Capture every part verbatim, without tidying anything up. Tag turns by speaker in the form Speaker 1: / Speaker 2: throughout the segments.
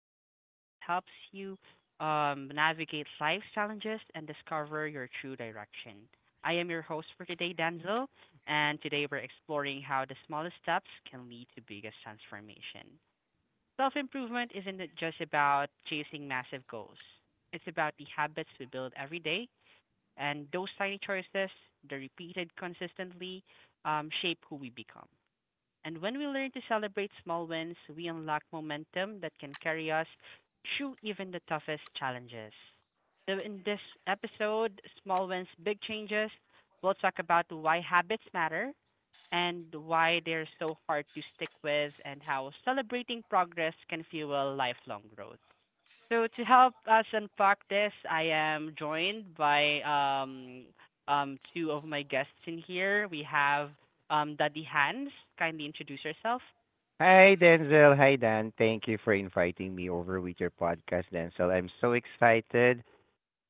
Speaker 1: podcast that helps you um, navigate life's challenges and discover your true direction. I am your host for today, Danzel, and today we're exploring how the smallest steps can lead to biggest transformation. Self improvement isn't it just about chasing massive goals, it's about the habits we build every day, and those tiny choices, the repeated consistently, um, shape who we become. And when we learn to celebrate small wins, we unlock momentum that can carry us through even the toughest challenges. So, in this episode, Small Wins, Big Changes, we'll talk about why habits matter and why they're so hard to stick with, and how celebrating progress can fuel lifelong growth. So to help us unpack this, I am joined by um um two of my guests in here. We have um Daddy Hans. Kindly introduce yourself.
Speaker 2: Hi, Denzel. Hi, Dan. Thank you for inviting me over with your podcast, Denzel. I'm so excited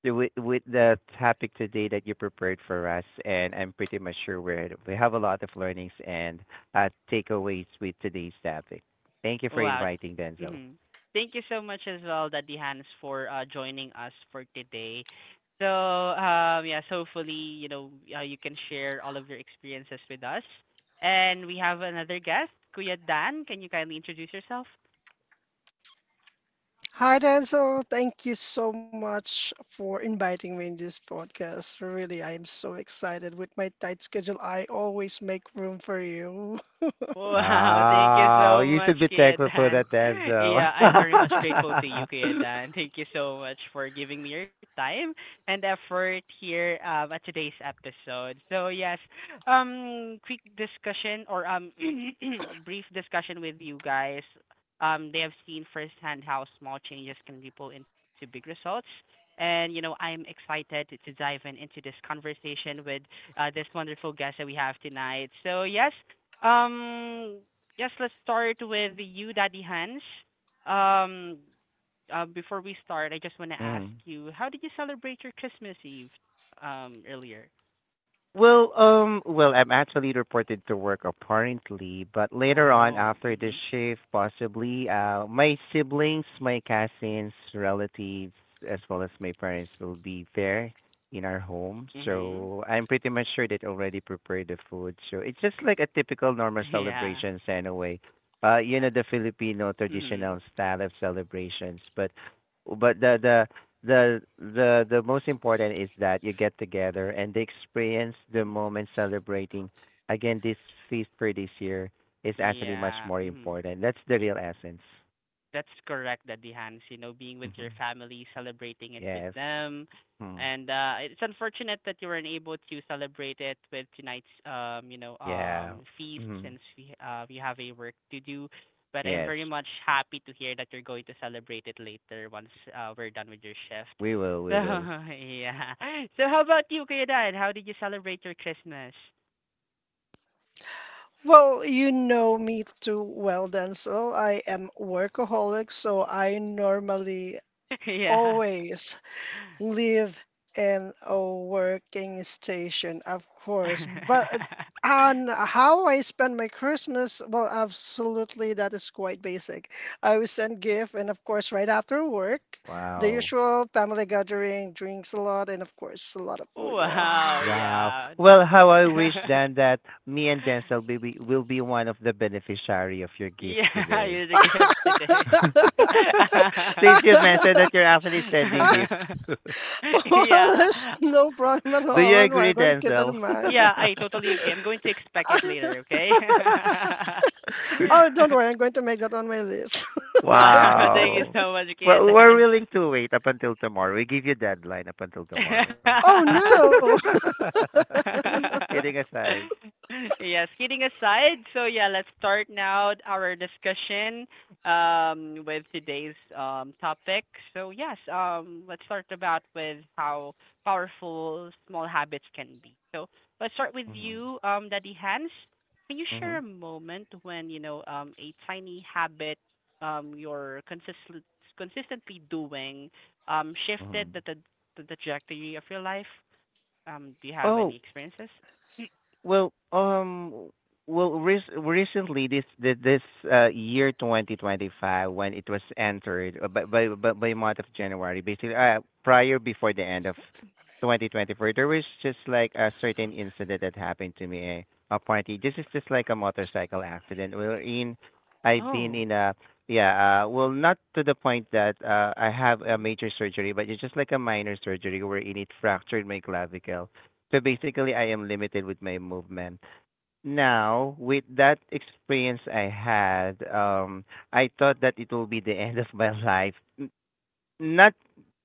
Speaker 2: to- with, with the topic today that you prepared for us, and I'm pretty much sure we're, we have a lot of learnings and uh, takeaways with today's topic. Thank you for
Speaker 1: Wow.
Speaker 2: inviting, Denzel.
Speaker 1: hmm Thank you so much as well, Daddy Hans, for uh, joining us for today. So um yeah, so hopefully you know uh, you can share all of your experiences with us. And we have another guest, Kuya Dan. Can you kindly introduce yourself?
Speaker 3: Hi, Denzel. Thank you so much for inviting me in this podcast. Really, I am so excited. With my tight schedule, I always make room for you.
Speaker 1: Wow, thank you
Speaker 2: Wow,
Speaker 1: so
Speaker 2: you
Speaker 1: much,
Speaker 2: should be
Speaker 1: Kuya
Speaker 2: thankful for
Speaker 1: Dan.
Speaker 2: that, Denzel.
Speaker 1: Yeah, I'm very much grateful to you, Kuya Dan. Thank you so much for giving me your time and effort here um, at today's episode. So yes, um, quick discussion or um, brief discussion with you guys. Um, they have seen firsthand how small changes can ripple into big results. And you know, I'm excited to, to dive in into this conversation with uh, this wonderful guest that we have tonight. So yes, um, yes, let's start with you, Daddy Hans. Um, uh, Before we start, I just want to ask
Speaker 2: Mm.
Speaker 1: you, how did you celebrate your Christmas Eve, um, earlier?
Speaker 2: Well, um, well, I'm actually reported to work apparently, but later on
Speaker 1: Oh,
Speaker 2: after the
Speaker 1: mhm.
Speaker 2: shift, possibly, uh, my siblings, my cousins, relatives, as well as my parents will be there in our home.
Speaker 1: Mhm.
Speaker 2: So I'm pretty much sure they already prepared the food. So it's just like a typical normal
Speaker 1: Yeah.
Speaker 2: celebration anyway. Uh, you
Speaker 1: uh,
Speaker 2: know, the Filipino
Speaker 1: mhm.
Speaker 2: traditional style of celebrations, but but the the the the the most important is that you get together and they experience the moment celebrating again this feast for this year is actually much
Speaker 1: Yeah,
Speaker 2: more
Speaker 1: mhm.
Speaker 2: important. That's the real essence.
Speaker 1: That's correct, Daddy Hans. You know, being with
Speaker 2: Hmm.
Speaker 1: your family, celebrating it with
Speaker 2: Yes.
Speaker 1: them.
Speaker 2: Hmm.
Speaker 1: And uh it's unfortunate that you weren't able to celebrate it with tonight's um, you know,
Speaker 2: Yeah.
Speaker 1: um feast
Speaker 2: Hmm.
Speaker 1: since we uh we have a work to do. But I'm
Speaker 2: Yes.
Speaker 1: very much happy to hear that you're going to celebrate it later once uh we're done with your shift.
Speaker 2: we will
Speaker 1: So
Speaker 2: we will
Speaker 1: yeah. So how about you, Kuya Dan? How did you celebrate your Christmas?
Speaker 3: Well, you know me too well, Denzel. I am workaholic, so I normally
Speaker 1: Yeah.
Speaker 3: always live in a working station, of course. But on how I spend my Christmas, well, absolutely, that is quite basic. I will send gift, and of course, right after work, the
Speaker 2: Wow.
Speaker 3: usual family gathering, drinks a lot, and of course, a lot of food.
Speaker 1: Wow,
Speaker 3: Ah.
Speaker 2: Wow,
Speaker 1: yeah. The
Speaker 2: well how I wish then that me and Denzel will be will be one of the beneficiary of your gift
Speaker 1: yeah,
Speaker 2: today.
Speaker 1: you're the gifts today.
Speaker 2: Since you mentioned that you're actually sending gifts.
Speaker 3: Well,
Speaker 1: Yeah.
Speaker 3: there's no problem at
Speaker 2: Do you
Speaker 3: all. Don't worry, I'm
Speaker 2: agree,
Speaker 3: going to keep that
Speaker 2: Denzel?
Speaker 3: in mind.
Speaker 1: Yeah, I totally agree. I'm going to expect it later, okay?
Speaker 3: Oh, don't worry, I'm going to make that on my list.
Speaker 1: Wow, thank you
Speaker 2: Wow.
Speaker 1: so much, Kian
Speaker 2: Well, we're
Speaker 1: Dan.
Speaker 2: willing to wait up until tomorrow. We give you deadline up until tomorrow.
Speaker 3: Oh no!
Speaker 2: Kidding aside.
Speaker 1: Yes, kidding aside, so yeah, let's start now our discussion um with today's um topic. So yes, um let's start about with how powerful small habits can be. So let's start with
Speaker 2: Hmm.
Speaker 1: you, um, Daddy Hans. Can you share
Speaker 2: Hmm.
Speaker 1: a moment when, you know, um a tiny habit um you're consistently consistently doing um shifted
Speaker 2: Hmm.
Speaker 1: the, the the trajectory of your life? Um, do you have any
Speaker 2: Oh.
Speaker 1: experiences? Mm.
Speaker 2: Well, um, well, rec recently this thi- this uh, year twenty twenty-five, when it was entered uh, by by by, by month of January, basically uh, prior before the end of twenty twenty-four, there was just like a certain incident that happened to me. Eh, apparently, this is just like a motorcycle accident. We're in, I've been
Speaker 1: Oh.
Speaker 2: in a, yeah, uh, well, not to the point that uh, I have a
Speaker 1: Mhm.
Speaker 2: major surgery, but it's just like a minor surgery wherein it fractured my clavicle, so basically, I am limited with my movement. Now, with that experience I had, um, I thought that it will be the end of my life. N- Not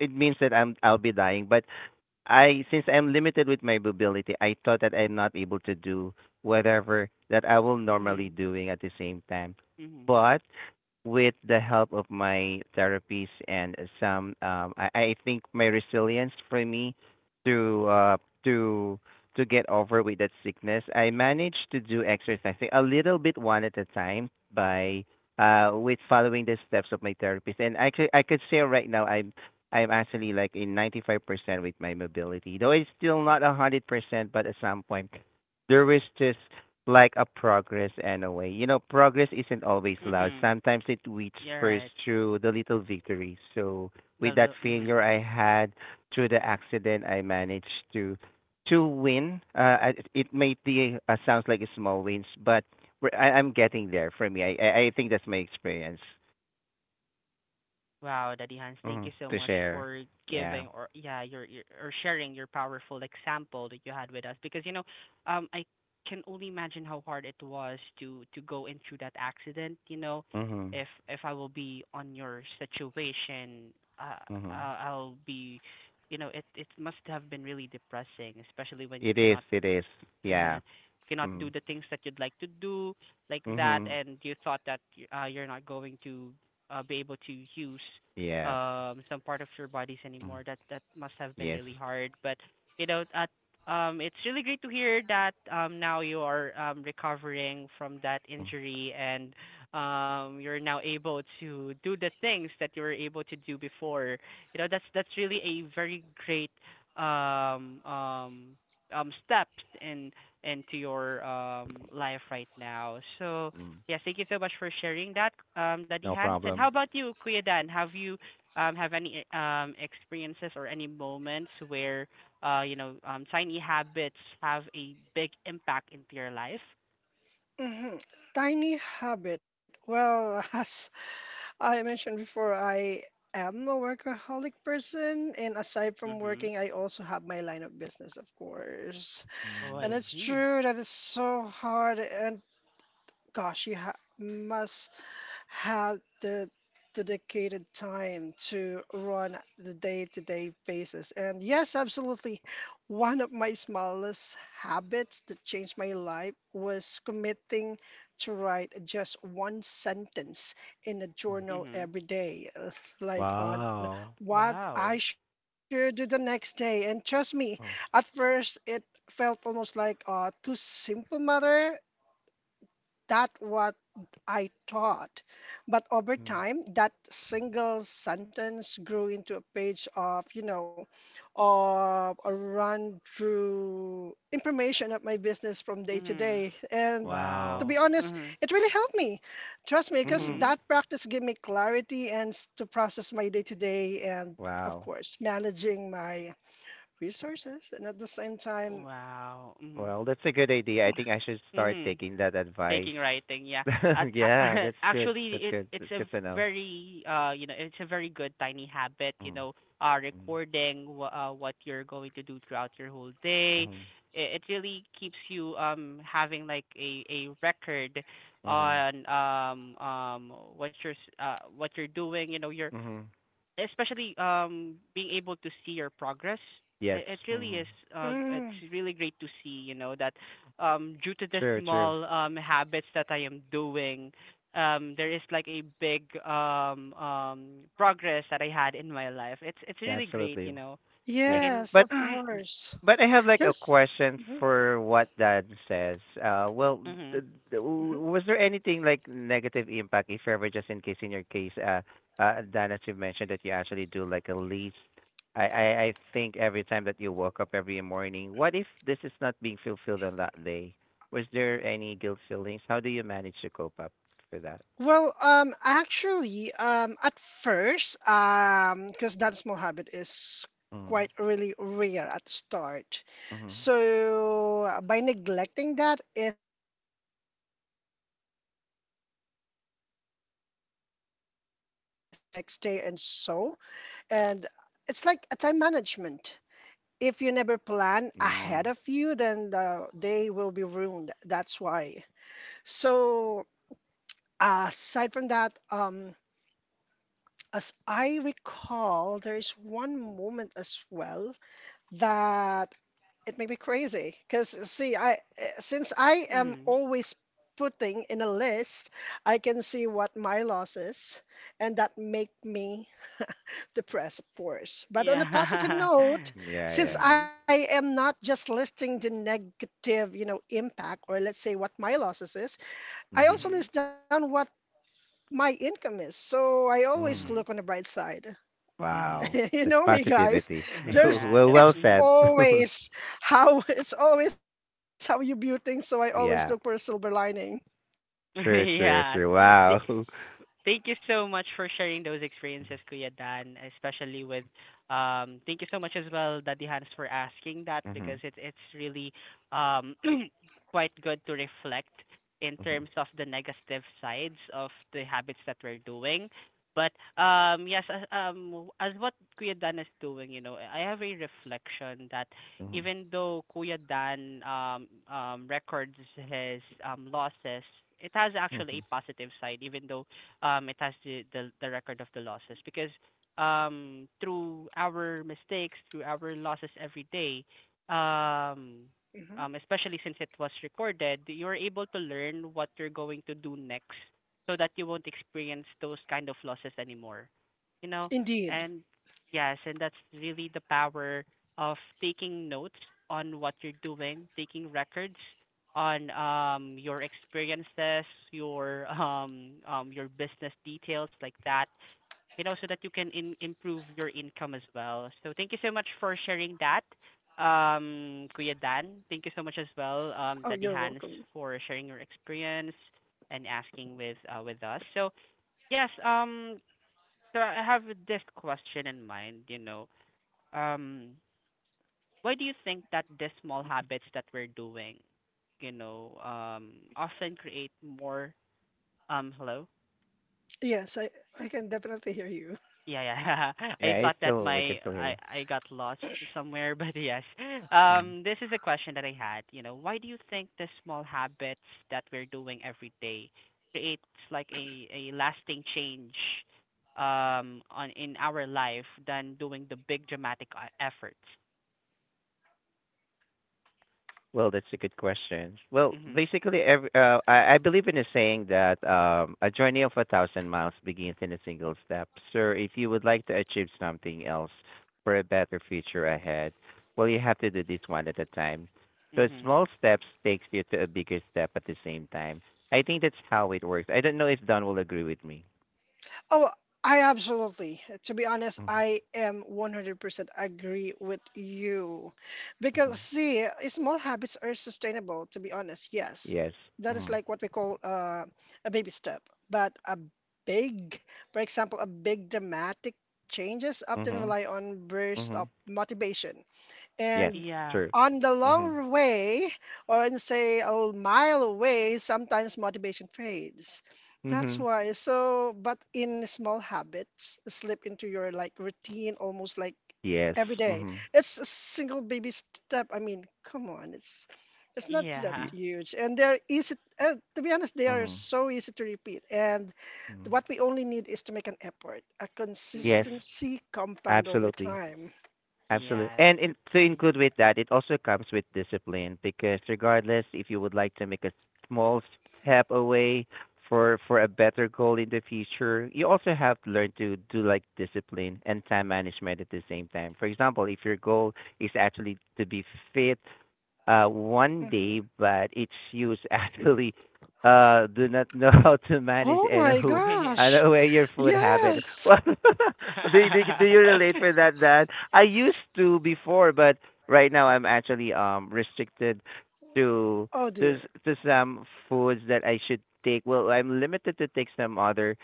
Speaker 2: it means that I'm I'll be dying, but I since I'm limited with my mobility, I thought that I'm not able to do whatever that I will normally
Speaker 1: Mhm.
Speaker 2: doing at the same time.
Speaker 1: Mhm.
Speaker 2: But with the help of my therapies and some um I, I think my resilience for me to uh to to get over with that sickness, I managed to do exercising a little bit one at a time by uh with following the steps of my therapist, and I could I could say right now I'm I'm actually like in ninety-five percent with my mobility, though it's still not a 100%. But at some point there was just like a progress anyway. You know, progress isn't always loud.
Speaker 1: Mhm.
Speaker 2: Sometimes it whispers
Speaker 1: You're right.
Speaker 2: through the little victories. So
Speaker 1: The
Speaker 2: with that
Speaker 1: little.
Speaker 2: failure
Speaker 1: Mhm.
Speaker 2: I had through the accident, I managed to to win. Uh, I- it may be uh, sounds like a small wins, but we're- I, I'm getting there for me. I I I think that's my experience,
Speaker 1: Wow, Daddy Hans, thank
Speaker 2: mm,
Speaker 1: you so
Speaker 2: to
Speaker 1: much
Speaker 2: share.
Speaker 1: for
Speaker 2: Yeah.
Speaker 1: giving or yeah, your, your or sharing your powerful example that you had with us because you know, um, I can only imagine how hard it was to to go into that accident. You know,
Speaker 2: Mhm.
Speaker 1: if if I will be on your situation, uh,
Speaker 2: Mhm.
Speaker 1: uh I'll be, you know, it it must have been really depressing, especially when you
Speaker 2: It is.
Speaker 1: cannot
Speaker 2: It is. Yeah.
Speaker 1: mhm, cannot do
Speaker 2: Mm.
Speaker 1: the things that you'd like to do like that
Speaker 2: Mhm.
Speaker 1: and you thought that y- uh, you're not going to uh, be able to use
Speaker 2: Yeah.
Speaker 1: um some part of your bodies
Speaker 2: Mm.
Speaker 1: anymore that that must have been
Speaker 2: Yes.
Speaker 1: really hard but you know at um it's really great to hear that um now you are um recovering from that
Speaker 2: Mm.
Speaker 1: injury and um you're now able to do the things that you were able to do before you know that's that's really a very great um um um steps in into your um life right now. So
Speaker 2: Mm.
Speaker 1: yes, thank you so much for sharing that, um, Daddy
Speaker 2: No
Speaker 1: Hans. And how
Speaker 2: problem.
Speaker 1: about you, Kuya Dan? Have you um have any um experiences or any moments where uh you know um tiny habits have a big impact into your life?
Speaker 3: Mhm. Tiny habit. Well, as I mentioned before, I am a workaholic person, and aside from
Speaker 1: Mhm.
Speaker 3: working, I also have my line of business, of course.
Speaker 1: Oh,
Speaker 3: And
Speaker 1: I
Speaker 2: Mm.
Speaker 3: it's
Speaker 1: see.
Speaker 3: true that it's so hard, and gosh, you ha must had the dedicated time to run the day-to-day basis. And yes, absolutely. One of my smallest habits that changed my life was committing to write just one sentence in a journal
Speaker 1: Mhm.
Speaker 3: every day, uh, like on
Speaker 2: Wow.
Speaker 3: what I
Speaker 1: Wow.
Speaker 3: should do the next day. And trust me, at
Speaker 2: Oh.
Speaker 3: first it felt almost like a too simple matter. That was I taught. But over
Speaker 2: Mm.
Speaker 3: time, that single sentence grew into a page of, you know, of a run through information of my business from day to
Speaker 1: Mhm.
Speaker 3: day. And to be
Speaker 2: Wow.
Speaker 1: Wow.
Speaker 3: honest,
Speaker 1: Mhm.
Speaker 3: it really helped me. Trust me, because
Speaker 2: Mhm.
Speaker 1: Mhm.
Speaker 3: that practice gave me clarity and s- to process my day to day and, of
Speaker 2: Wow.
Speaker 3: course, managing my resources. And at the same time,
Speaker 1: Wow. Mhm.
Speaker 2: Well, that's a good idea. I think I should start
Speaker 1: Mhm.
Speaker 2: taking that
Speaker 1: Taking
Speaker 2: advice.
Speaker 1: writing, yeah. at a-
Speaker 2: Yeah, that's good.
Speaker 1: Actually
Speaker 2: That's
Speaker 1: it
Speaker 2: good.
Speaker 1: it's
Speaker 2: That's
Speaker 1: a
Speaker 2: good to know.
Speaker 1: very uh you know it's a very good tiny habit you
Speaker 2: Mm.
Speaker 1: know uh
Speaker 2: Mm.
Speaker 1: recording wh- uh, what you're going to do throughout your whole day,
Speaker 2: Mhm.
Speaker 1: it, it really keeps you um having like a a record
Speaker 2: Mhm.
Speaker 1: on um um what you're s- uh what you're doing you know your
Speaker 2: Mhm.
Speaker 1: especially um being able to see your progress,
Speaker 2: Yes.
Speaker 1: it, it really
Speaker 2: Mhm.
Speaker 1: is uh it's
Speaker 3: mm,
Speaker 1: really great to see you know that um due to the
Speaker 2: True, true.
Speaker 1: small um habits that I am doing um there is like a big um um progress that I had in my life, it's it's
Speaker 2: Yeah,
Speaker 1: really great
Speaker 2: absolutely.
Speaker 1: you know I
Speaker 2: Yeah.
Speaker 1: can
Speaker 3: yes,
Speaker 2: But
Speaker 3: of course.
Speaker 2: but I have like a
Speaker 3: Because,
Speaker 2: question for what Dan says. Uh, well,
Speaker 1: mhm.
Speaker 2: th- th- was there anything like negative impact, if ever, just in case in your case, uh, uh, Dan, as you mentioned that you actually do like a lease. I, I I think every time that you woke up every morning, what if this is not being fulfilled on that day? Was there any guilt feelings? How do you manage to cope up for that?
Speaker 3: well, um, actually, um, at first, um, because that small habit is
Speaker 2: Mm.
Speaker 3: quite really rare at start.
Speaker 2: Mhm.
Speaker 3: So uh, by neglecting that, it's like I am missing what I need to do the next day and so. And it's like a time management. If you never plan ahead of you, then
Speaker 2: Mm.
Speaker 3: the day will be ruined. That's why. So aside from that, um, as I recall, there is one moment as well that it made me crazy. Because, see, I eh, since I am
Speaker 1: Mhm.
Speaker 3: always putting in a list, I can see what my loss is, and that make me depressed, of course. But on a positive
Speaker 1: Yeah.
Speaker 3: note,
Speaker 2: Yeah.
Speaker 3: since
Speaker 2: Yeah.
Speaker 1: Mhm.
Speaker 3: I am not just listing the negative, you know, impact or let's say what my losses is, I
Speaker 2: Mhm.
Speaker 3: also
Speaker 1: Mhm.
Speaker 3: list down what my income is. So I always
Speaker 2: Mm.
Speaker 3: look
Speaker 1: Mhm.
Speaker 3: on the bright side.
Speaker 2: Wow,
Speaker 1: Mhm.
Speaker 3: You
Speaker 2: that's
Speaker 3: know me, guys.
Speaker 2: positivity.
Speaker 3: There's
Speaker 1: Yeah,
Speaker 2: Well,
Speaker 1: the
Speaker 2: well
Speaker 3: it's
Speaker 1: mhm.
Speaker 2: said.
Speaker 3: always how, it's always how you view things, so I always look for a silver
Speaker 2: Yeah,
Speaker 3: lining.
Speaker 2: true, true,
Speaker 1: Yeah.
Speaker 2: true. Wow.
Speaker 1: Thank you so much for sharing those experiences, Kuya Dan, especially with um thank you so much as well, Daddy Hans, for asking that because
Speaker 2: Mhm.
Speaker 1: it's it's really um quite good to reflect in
Speaker 2: Mhm.
Speaker 1: terms of the negative sides of the habits that we're doing. But um yes, as, um as what Kuya Dan is doing, you know, I have a reflection that
Speaker 2: Mhm.
Speaker 1: even though Kuya Dan um um records his um losses, it has actually
Speaker 2: Mhm.
Speaker 1: a positive side even though um it has the the, the record of the losses because um through our mistakes through our losses every day um
Speaker 3: Hmm.
Speaker 1: um especially since it was recorded you're able to learn what you're going to do next so that you won't experience those kind of losses anymore you know
Speaker 3: Indeed.
Speaker 1: and yes and that's really the power of taking notes on what you're doing, taking records on um your experiences, your um um your business details like that, you know, so that you can in- improve your income as well. So thank you so much for sharing that, um, Kuya Dan. Thank you so much as well, um,
Speaker 3: Oh,
Speaker 1: Daddy
Speaker 3: you're
Speaker 1: Hans,
Speaker 3: welcome.
Speaker 1: for sharing your experience and asking with uh, with us. So yes, um, so I have this question in mind, you know, um why do you think that these small habits that we're doing, you know, um, often create more? Um, hello.
Speaker 3: Yes, I I can definitely hear you.
Speaker 1: Yeah,
Speaker 2: Yeah, it's
Speaker 1: yeah.
Speaker 2: still
Speaker 1: I
Speaker 2: we
Speaker 1: thought
Speaker 2: can still
Speaker 1: that
Speaker 2: hear you.
Speaker 1: my I I got lost somewhere, but yes.
Speaker 2: Mm.
Speaker 1: Um, this is a question that I had. You know, why do you think the small habits that we're doing every day creates like a a lasting change, um, on in our life than doing the big dramatic uh, efforts?
Speaker 2: Well, that's a good question. Well,
Speaker 1: Mhm.
Speaker 2: basically, every, uh, I, I believe in a saying that um, a journey of a thousand miles begins in a single step. Sir, if you would like to achieve something else for a better future ahead, well, you have to do this one at a time. So
Speaker 1: Mhm.
Speaker 2: small steps takes you to a bigger step at the same time. I think that's how it works. I don't know if Don will agree with me.
Speaker 3: Oh, I absolutely. To be honest,
Speaker 2: Hmm.
Speaker 3: I am one hundred percent agree with you.
Speaker 2: Hmm.
Speaker 3: Because, see, small habits are sustainable, to be honest, yes.
Speaker 2: Yes.
Speaker 3: That is
Speaker 2: Hmm.
Speaker 3: like what we call uh, a baby step. But a big, for example, a big dramatic changes often
Speaker 2: Hmm.
Speaker 3: rely on burst of
Speaker 2: Hmm.
Speaker 3: motivation,
Speaker 2: Yes.
Speaker 3: and
Speaker 1: Yeah.
Speaker 2: True.
Speaker 3: on the
Speaker 2: Hmm.
Speaker 3: long way, or on, say, a mile away, sometimes motivation fades. That's
Speaker 2: Hmm.
Speaker 3: why. So, but in small habits, slip into your like routine almost like
Speaker 2: Yes.
Speaker 3: every day.
Speaker 2: Hmm.
Speaker 3: It's a single baby step. I mean, come on, it's it's not that
Speaker 1: Yeah.
Speaker 3: huge, and they're easy. Uh, to be honest, they are
Speaker 2: Hmm.
Speaker 3: so easy to repeat. And
Speaker 2: Hmm.
Speaker 3: what we only need is to make an effort, a
Speaker 2: Yes,
Speaker 1: Mhm.
Speaker 3: consistency compound over
Speaker 2: absolutely.
Speaker 3: time.
Speaker 2: Absolutely.
Speaker 1: Yes.
Speaker 2: And in, to
Speaker 1: Mhm.
Speaker 2: include with that, it also comes with discipline, because regardless, if you would like to make a small step away for for a better goal in the future, you also have to learn to do like discipline and time management at the same time. For example, if your goal is actually to be fit uh, one
Speaker 3: Mm-hmm.
Speaker 2: day, but its use actually uh, do not know how to manage
Speaker 3: Oh
Speaker 2: and
Speaker 3: my
Speaker 2: who
Speaker 1: Yeah.
Speaker 2: and
Speaker 3: gosh.
Speaker 2: aware your food habit.
Speaker 3: Yes.
Speaker 2: Well, do you, do you- do you relate for that? That I used to before, but right now I'm actually um restricted to
Speaker 3: Oh
Speaker 2: to
Speaker 3: dear.
Speaker 2: s- to some foods that I should take. Well, I'm limited to take some other,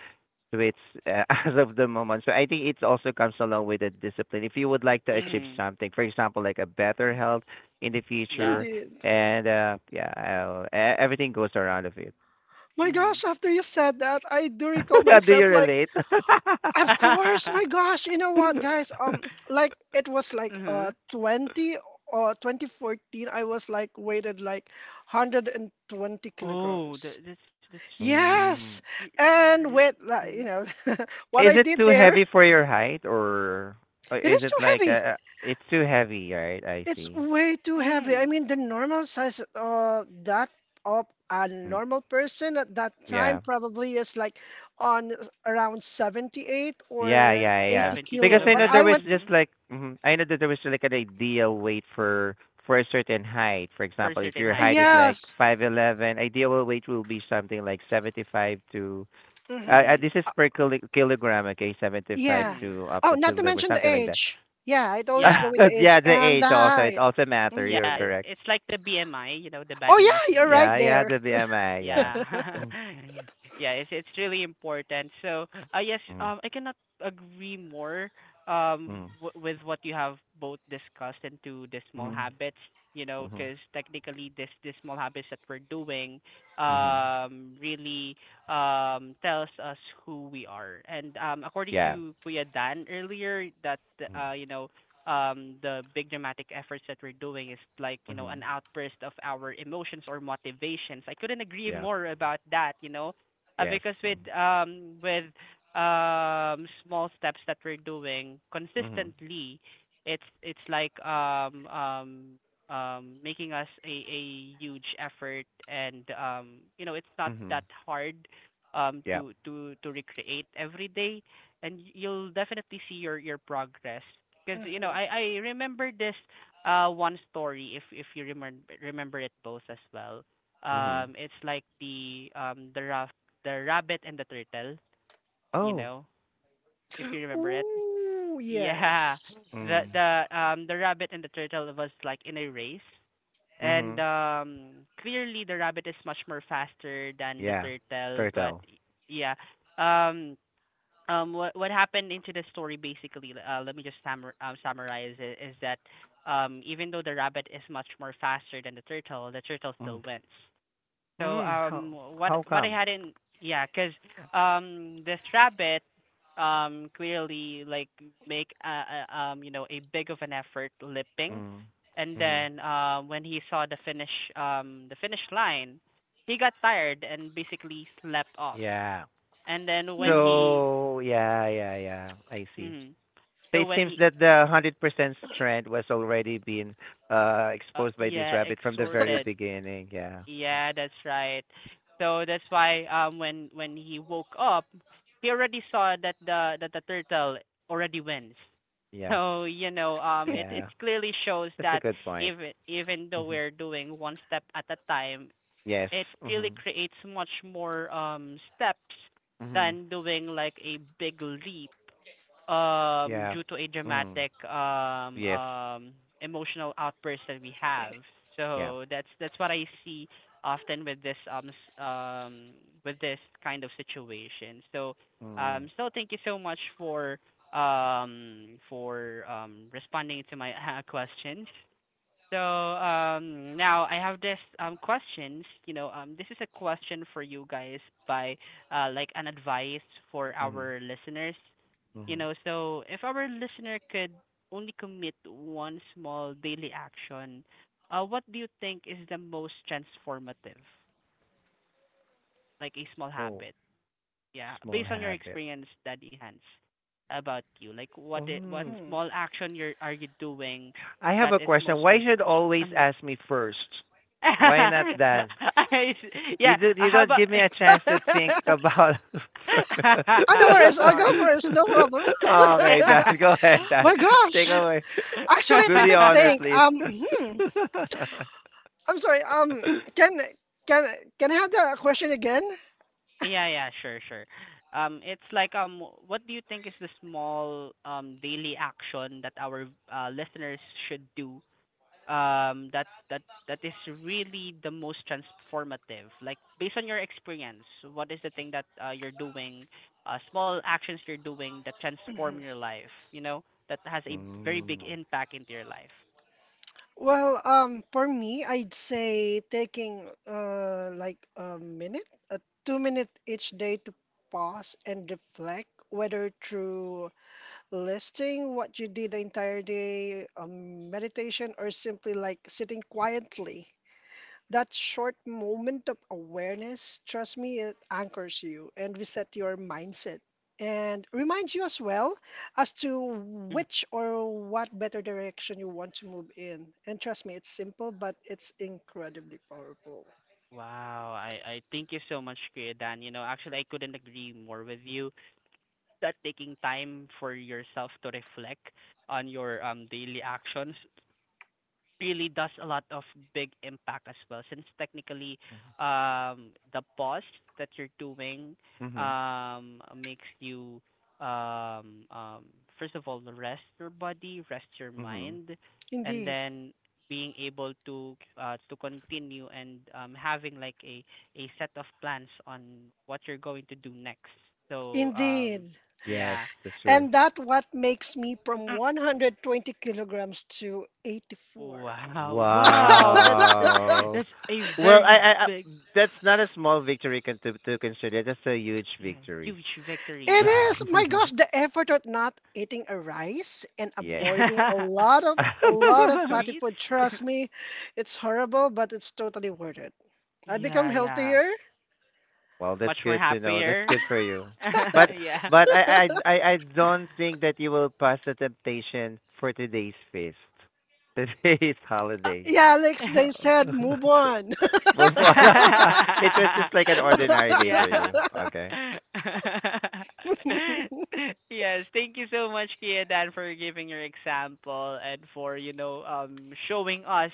Speaker 2: it's, uh, as of the moment. So I think it also comes along with the discipline. If you would like to achieve
Speaker 1: Mhm.
Speaker 2: something, for example, like a better health in the
Speaker 1: Yeah.
Speaker 2: future,
Speaker 3: Indeed.
Speaker 2: and uh, yeah, I'll, e- everything goes around of it.
Speaker 3: My gosh,
Speaker 1: Mhm.
Speaker 3: after you said that, I do recall
Speaker 2: Do you
Speaker 3: myself like,
Speaker 2: relate?
Speaker 3: of course, my gosh, you know what, guys? Um, like it was like uh
Speaker 1: Mhm.
Speaker 3: twenty or twenty fourteen, I was like weighted like one hundred twenty
Speaker 1: Oh, that
Speaker 3: kilograms.
Speaker 1: that's that's that's
Speaker 2: Mm.
Speaker 3: Yes. And with like, you
Speaker 1: mhm.
Speaker 3: know, what
Speaker 2: Is
Speaker 3: I
Speaker 2: it
Speaker 3: did
Speaker 2: too
Speaker 3: there,
Speaker 2: heavy for your height, or or
Speaker 3: it
Speaker 2: is
Speaker 3: is too
Speaker 2: it like
Speaker 3: heavy.
Speaker 2: uh, uh, it's too heavy, right? I
Speaker 3: It's
Speaker 2: see.
Speaker 3: way too heavy. I
Speaker 1: Mhm.
Speaker 3: mean, the normal size uh that of a
Speaker 2: Mm.
Speaker 3: normal person at that time
Speaker 2: Yeah.
Speaker 3: probably is like on s- around seventy-eight
Speaker 2: Yeah,
Speaker 3: or
Speaker 2: yeah, yeah.
Speaker 3: eighty
Speaker 1: seventy
Speaker 2: Because
Speaker 3: kilo.
Speaker 2: I
Speaker 3: But
Speaker 2: know there
Speaker 3: I
Speaker 1: kilogram.
Speaker 2: was
Speaker 3: went,
Speaker 2: just
Speaker 1: Mhm.
Speaker 2: like mhm, I know that there was like an ideal weight for for a certain height. For
Speaker 1: For a
Speaker 2: example, if
Speaker 1: certain
Speaker 2: your
Speaker 1: height,
Speaker 2: height is
Speaker 1: yeah.
Speaker 2: like
Speaker 3: yes.
Speaker 2: five eleven, ideal weight will be something like seventy-five to.
Speaker 3: Hmm.
Speaker 2: Uh, uh, this
Speaker 1: Mhm.
Speaker 2: is per kilo, kilogram, okay, seventy-five
Speaker 3: Yeah.
Speaker 1: Mhm.
Speaker 2: to up
Speaker 3: Oh,
Speaker 2: a
Speaker 3: not to
Speaker 2: kilogram, or
Speaker 3: mention the
Speaker 2: something like that.
Speaker 3: age. Yeah, it always go
Speaker 1: Yeah.
Speaker 3: with the age
Speaker 2: Yeah, the
Speaker 3: and the
Speaker 2: age also it
Speaker 3: height.
Speaker 2: also matter. You're
Speaker 3: Hmm.
Speaker 1: Yeah, it,
Speaker 2: correct.
Speaker 1: it's like the B M I, you know, the
Speaker 3: Oh
Speaker 1: body mass
Speaker 3: yeah, you're
Speaker 1: index.
Speaker 2: Yeah,
Speaker 3: right
Speaker 2: yeah,
Speaker 3: there.
Speaker 2: the B M I. Yeah.
Speaker 1: Yeah.
Speaker 2: Mm,
Speaker 1: Yeah, it's it's really important. So, uh, yes,
Speaker 2: mm,
Speaker 1: um, I cannot agree more um
Speaker 2: mm,
Speaker 1: w- with what you have both discussed into the small
Speaker 2: mm,
Speaker 1: habits, you know,
Speaker 2: mhm,
Speaker 1: because technically this the small habits that we're doing
Speaker 2: mhm.
Speaker 1: um really um tells us who we are. And um according
Speaker 2: Yeah.
Speaker 1: to Kuya Dan earlier that
Speaker 2: Mm,
Speaker 1: uh you know, um the big dramatic efforts that we're doing is like you know an
Speaker 2: mhm.
Speaker 1: outburst of our emotions or motivations, I couldn't agree
Speaker 2: Yeah.
Speaker 1: more about that you know uh,
Speaker 2: Yes.
Speaker 1: because with um with um small steps that we're doing
Speaker 2: Mhm.
Speaker 1: consistently it's it's like um um um making us a a huge effort and um you know it's not
Speaker 2: Mhm.
Speaker 1: that hard um
Speaker 2: Yep.
Speaker 1: to to to recreate every day and you'll definitely see your your progress because you know,
Speaker 3: Hmm.
Speaker 1: I I remember this uh one story if if you remember remember it both as well.
Speaker 2: Mhm.
Speaker 1: Um, it's like the um the ra- the rabbit and the turtle. You
Speaker 2: Oh.
Speaker 1: know, if you remember it.
Speaker 3: Ooh,
Speaker 1: Yeah,
Speaker 3: yes.
Speaker 1: the
Speaker 2: Mm.
Speaker 1: the um the rabbit and the turtle was like in a race, and
Speaker 2: Mhm.
Speaker 1: um clearly the rabbit is much more faster than the
Speaker 2: Yeah.
Speaker 1: turtle, but
Speaker 2: Turtle.
Speaker 1: y- yeah, um um what what happened into the story, basically uh, let me just summar, um, summarize it is that um even though the rabbit is much more faster than the turtle the turtle
Speaker 2: Mm.
Speaker 1: still wins so
Speaker 2: Mm.
Speaker 1: um
Speaker 2: How
Speaker 1: what
Speaker 2: how
Speaker 1: what I
Speaker 2: come?
Speaker 1: had in yeah because um this rabbit um clearly like make uh, uh, um you know a big of an effort lipping
Speaker 2: Mm.
Speaker 1: and
Speaker 2: Mhm.
Speaker 1: then uh, when he saw the finish um the finish line he got tired and basically slept off
Speaker 2: Yeah.
Speaker 1: and then when he
Speaker 2: So yeah, yeah, yeah. I see.
Speaker 1: mhm.
Speaker 2: So
Speaker 1: So
Speaker 2: it
Speaker 1: when
Speaker 2: seems
Speaker 1: he,
Speaker 2: that the hundred percent trend was already being uh
Speaker 1: uh,
Speaker 2: exposed by this
Speaker 1: yeah,
Speaker 2: rabbit from the very
Speaker 1: exhorted.
Speaker 2: beginning. Yeah.
Speaker 1: Yeah, that's right. So that's why um when when he woke up, he already saw that the that the turtle already wins.
Speaker 2: Yeah.
Speaker 1: So you know um it it
Speaker 2: Yeah.
Speaker 1: clearly shows
Speaker 2: That's a
Speaker 1: that
Speaker 2: good point.
Speaker 1: even even though
Speaker 2: Hmm.
Speaker 1: we're doing one step at a time,
Speaker 2: Yes.
Speaker 1: it really
Speaker 2: Mhm.
Speaker 1: creates much more um steps
Speaker 2: Mhm.
Speaker 1: than doing like a big leap um
Speaker 2: Yeah.
Speaker 1: due to a
Speaker 2: Mm.
Speaker 1: dramatic um
Speaker 2: Yes.
Speaker 1: um emotional outburst that we have.
Speaker 2: Yeah.
Speaker 1: So that's that's what I see often with this um s- um with this kind of situation. So
Speaker 2: Mm.
Speaker 1: um so thank you so much for um for um responding to my uh, questions. So um, now I have this um, questions. You know, um, this is a question for you guys by uh, like an advice for
Speaker 2: Mhm,
Speaker 1: our listeners. You
Speaker 2: mhm.
Speaker 1: know, so if our listener could only commit one small daily action, uh, what do you think is the most transformative, like a small
Speaker 2: Oh,
Speaker 1: habit? Yeah,
Speaker 2: small
Speaker 1: based on your
Speaker 2: habit.
Speaker 1: experience, Daddy Hans, about you, like what i- what
Speaker 2: Mm.
Speaker 1: small action you're are you doing
Speaker 2: I have a
Speaker 1: that is
Speaker 2: question.
Speaker 1: most
Speaker 2: Why should
Speaker 1: transformative?
Speaker 2: always
Speaker 1: Um,
Speaker 2: ask me first? Why not
Speaker 1: I
Speaker 2: Dan?
Speaker 1: s-
Speaker 2: You
Speaker 1: yeah,
Speaker 2: do,
Speaker 1: uh,
Speaker 2: you
Speaker 1: how
Speaker 2: don't
Speaker 1: about
Speaker 2: give me a chance to think about. Okay,
Speaker 1: I'm sorry. yeah,
Speaker 2: Dan, go ahead, Dan. Take away. Do the honor, please.
Speaker 1: yeah, yeah, sure, sure. Um, it's like um, what do you think is the small um daily action that our uh, listeners should do um that that that is really the most transformative, like based on your experience. What is the thing that uh, you're doing, uh, small actions you're doing that transform your life, you know, that has a very
Speaker 2: Mm.
Speaker 1: big impact into your life? Mhm. Wow, i i thank you so much, Kuya Dan. You know, actually I couldn't agree more with you that taking time for yourself to reflect on your um daily actions really does a lot of big impact as well, since technically, um, the pause that you're doing,
Speaker 2: Mhm.
Speaker 1: um, makes you, um, um, first of all, rest your body, rest your
Speaker 2: Mhm.
Speaker 1: mind, and then being able to, uh, to continue and, um, having like a, a set of plans on what you're going to do next. So, um,
Speaker 2: Yes,
Speaker 1: yeah.
Speaker 2: that's true.
Speaker 1: Wow, wow, that's the,
Speaker 2: Wow.
Speaker 1: that's a
Speaker 2: Well, I,
Speaker 1: very
Speaker 2: I, I
Speaker 1: big.
Speaker 2: that's not a small victory con- to to consider. That's a huge
Speaker 1: Yeah,
Speaker 2: victory.
Speaker 1: huge victory. Yeah.
Speaker 2: Yes.
Speaker 1: Yeah. Sweets? Yeah, yeah.
Speaker 2: Well, that's
Speaker 1: Much more
Speaker 2: good to know. That's
Speaker 1: happier.
Speaker 2: good for you. But
Speaker 1: Yeah.
Speaker 2: but I I I I don't think that you will pass the temptation for today's feast. Today's holiday. Oh. Move on. It was just like an ordinary day for
Speaker 1: Yeah.
Speaker 2: you. Okay.
Speaker 1: Yes, thank you so much, Kia Dan, for giving your example and for, you know, um showing us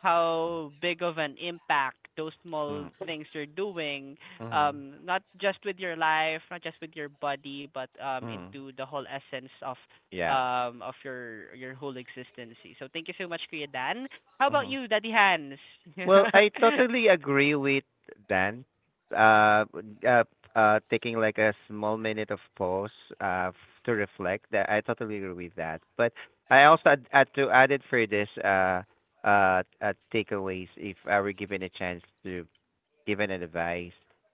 Speaker 1: how big of an impact those
Speaker 2: Mm-hmm.
Speaker 1: small things you're doing,
Speaker 2: Mm-hmm.
Speaker 1: um, not just with your life, not just with your body, but um
Speaker 2: Mm-hmm.
Speaker 1: into the whole essence of
Speaker 2: Yeah.
Speaker 1: um of your your whole existency. So thank you so much, Kia Dan. How about
Speaker 2: Mhm.
Speaker 1: you, Daddy Hans?
Speaker 2: Well, I totally agree with Dan. Uh, uh, uh, Taking like a small minute of pause uh, f- to reflect. That I totally agree with that. But I also add, add to added for this uh, uh, uh, takeaways. If I were given a chance to give an advice,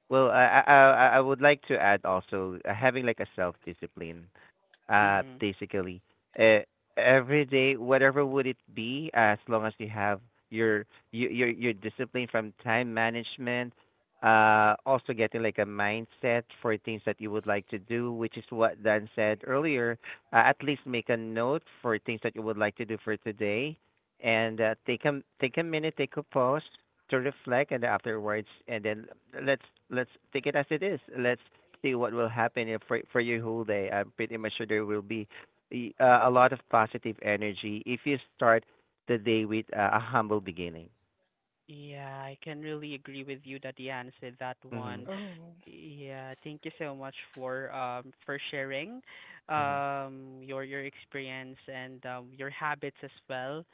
Speaker 2: well, I I I I would like to add also uh, having like a self discipline, uh
Speaker 1: Mhm.
Speaker 2: basically, uh, every day whatever would it be, as long as you have your your your, your discipline from time management, uh also getting like a mindset for things that you would like to do, which is what Dan said earlier. Uh, at least make a note for things that you would like to do for today, and uh, take a take a minute, take a pause to reflect, and afterwards and then let's let's take it as it is, let's see what will happen if for for your whole day. I'm pretty much sure there will be the, uh, a lot of positive energy if you start the day with uh, a humble beginning.
Speaker 1: Yeah, I can really agree with you that you answered that one.
Speaker 2: Mhm.
Speaker 1: Yeah, thank you so much for um for sharing
Speaker 2: Mhm.
Speaker 1: um your your experience and um your habits as well.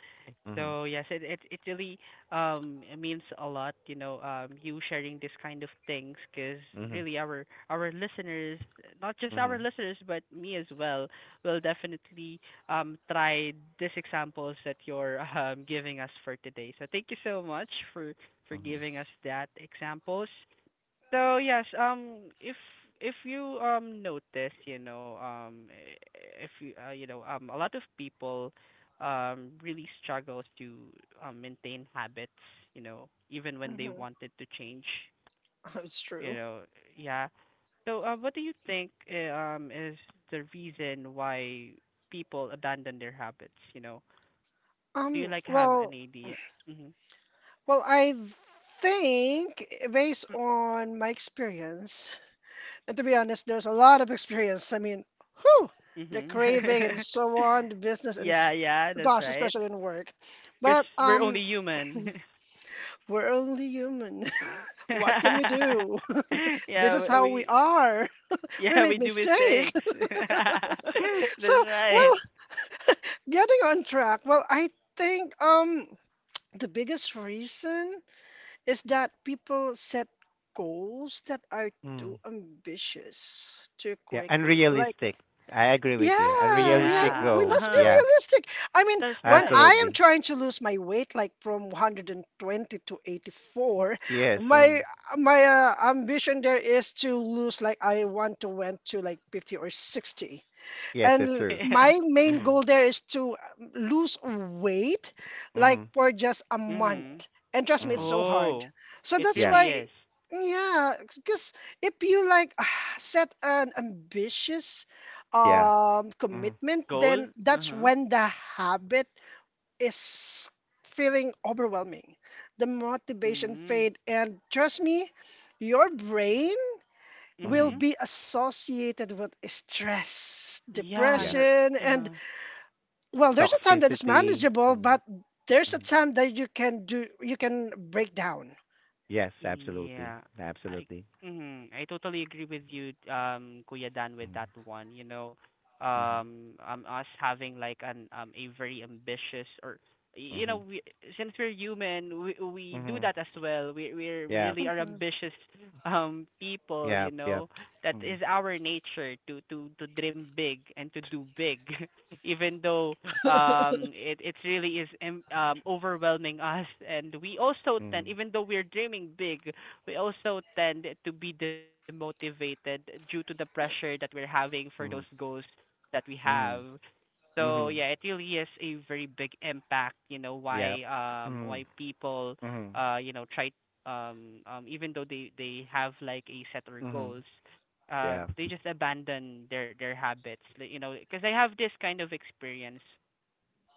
Speaker 2: Mhm.
Speaker 1: So yes, it it it really um it means a lot, you know, um you sharing this kind of things, because
Speaker 2: Mhm.
Speaker 1: really our our listeners, not just our
Speaker 2: Mhm.
Speaker 1: listeners but me as well, will definitely um, try these examples that you're um, giving us for today. So thank you so much for for
Speaker 2: Mhm.
Speaker 1: giving us that examples. So yes, um, if if you um notice, you know, um, if you uh, you know, um, a lot of people um really struggle to um maintain habits, you know, even when they wanted to change, you know, yeah. So, uh, what do you think uh, um is the reason why people abandon their habits, you know? Do you like have an idea? Mhm. Mhm. Yeah, yeah, that's right. Because we're only human. Yeah, we yeah, we do mistakes. That's right.
Speaker 2: Mm. Yeah, unrealistic. I agree with you. Unrealistic
Speaker 1: Yeah.
Speaker 2: goal.
Speaker 1: Uh-huh.
Speaker 2: Yeah,
Speaker 1: That's right.
Speaker 2: absolutely. Yes. Um. Yes, that's true.
Speaker 1: Yeah.
Speaker 2: Mhm. Mhm.
Speaker 1: Mhm.
Speaker 2: Mhm.
Speaker 1: Oh, it
Speaker 2: Yeah.
Speaker 1: really is.
Speaker 2: Yeah. Mhm.
Speaker 1: Goal? Uh-huh. Mm. Mm-hmm.
Speaker 2: Mhm.
Speaker 1: Yeah,
Speaker 2: Yeah.
Speaker 1: you're uh-huh.
Speaker 2: Toxicity. Mhm. Mhm. Yes, absolutely.
Speaker 1: Yeah. I
Speaker 2: Absolutely.
Speaker 1: mm, I totally agree with you, um, Kuya Dan, with
Speaker 2: Mm-hmm.
Speaker 1: that one. You know,
Speaker 2: Mm-hmm.
Speaker 1: um, um, us having like an um a very ambitious or you know,
Speaker 2: Mm-hmm.
Speaker 1: we, since we're human, we we do
Speaker 2: Mm-hmm.
Speaker 1: that as well. We we're we
Speaker 2: Yeah.
Speaker 1: really are ambitious um people, you
Speaker 2: Yeah. Yeah.
Speaker 1: know. That
Speaker 2: Mm-hmm.
Speaker 1: is our nature to to to dream big and to do big. Even though um it it really is em- um overwhelming us, and we also tend,
Speaker 2: Mm-hmm.
Speaker 1: even though we're dreaming big, we also tend to be demotivated due to the pressure that we're having for those
Speaker 2: Mm-hmm.
Speaker 1: goals that we have. So
Speaker 2: Mm-hmm.
Speaker 1: yeah, it really is a very big impact, you know,
Speaker 2: Yeah.
Speaker 1: why um
Speaker 2: Mm-hmm.
Speaker 1: why people
Speaker 2: Mm-hmm.
Speaker 1: uh you know try um um even though they they have like a set or
Speaker 2: Mm-hmm.
Speaker 1: goals,
Speaker 2: Yeah.
Speaker 1: um they just abandon their their habits, like, you know, because I have this kind of experience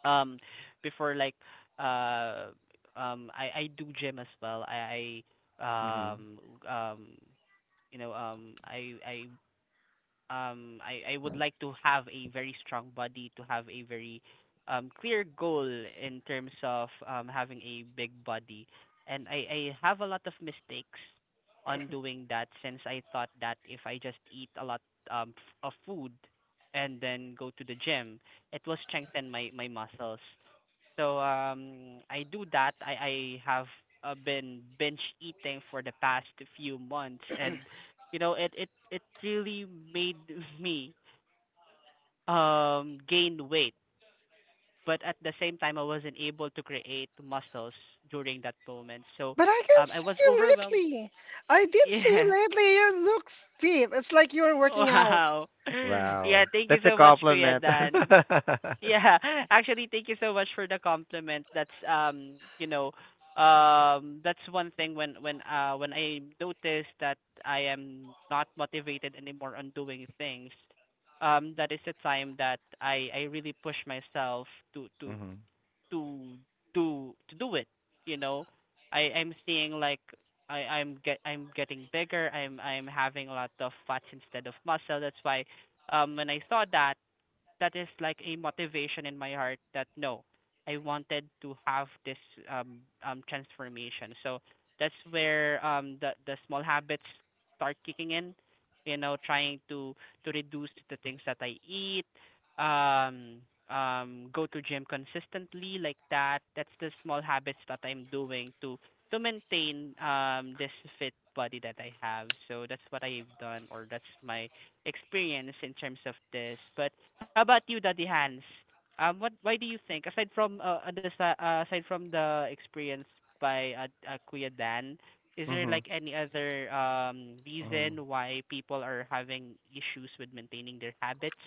Speaker 1: um before. Like uh um I I do gym as well. I I
Speaker 2: Mm-hmm.
Speaker 1: um um you know um I I um I I would like to have a very strong body, to have a very um clear goal in terms of um having a big body. And I I have a lot of mistakes on doing that, since I thought that if I just eat a lot um f- of food and then go to the gym, it will strengthen my my muscles. So um, I do that. I I Have uh, been binge eating for the past few months, and you know it it it really made me um gain weight. But at the same time, I wasn't able to create muscles during that moment. So um, I was overwhelmed. Yeah. Wow.
Speaker 2: Wow.
Speaker 1: Yeah. Thank
Speaker 2: That's
Speaker 1: you
Speaker 2: a
Speaker 1: so much, Kuya
Speaker 2: compliment.
Speaker 1: Dan.
Speaker 2: Mm-hmm.
Speaker 1: Yeah, actually, thank you so much for the compliment. That's um, you know, um, that's one thing when when uh when I notice that I am not motivated anymore on doing things, um, that is the time that I I really push myself to to to do to do it. You know, I I'm seeing like I I'm get I'm getting bigger. I'm I'm having a lot of fats instead of muscle. That's why um when I saw that, that is like a motivation in my heart that no, I wanted to have this um um transformation. So that's where um the the small habits start kicking in. You know, trying to to reduce the things that I eat, um um go to gym consistently like that. That's the small habits that I'm doing to to maintain um this fit body that I have. So that's what I've done, or that's my experience in terms of this. But how about you, Daddy Hans? Um, what why do you think, aside from uh, uh, the sa- uh, aside from the experience by uh, uh, Kuya Dan, is there
Speaker 2: Mm-hmm.
Speaker 1: like any other um
Speaker 2: Mm-hmm.
Speaker 1: reason why people are having issues with maintaining their habits?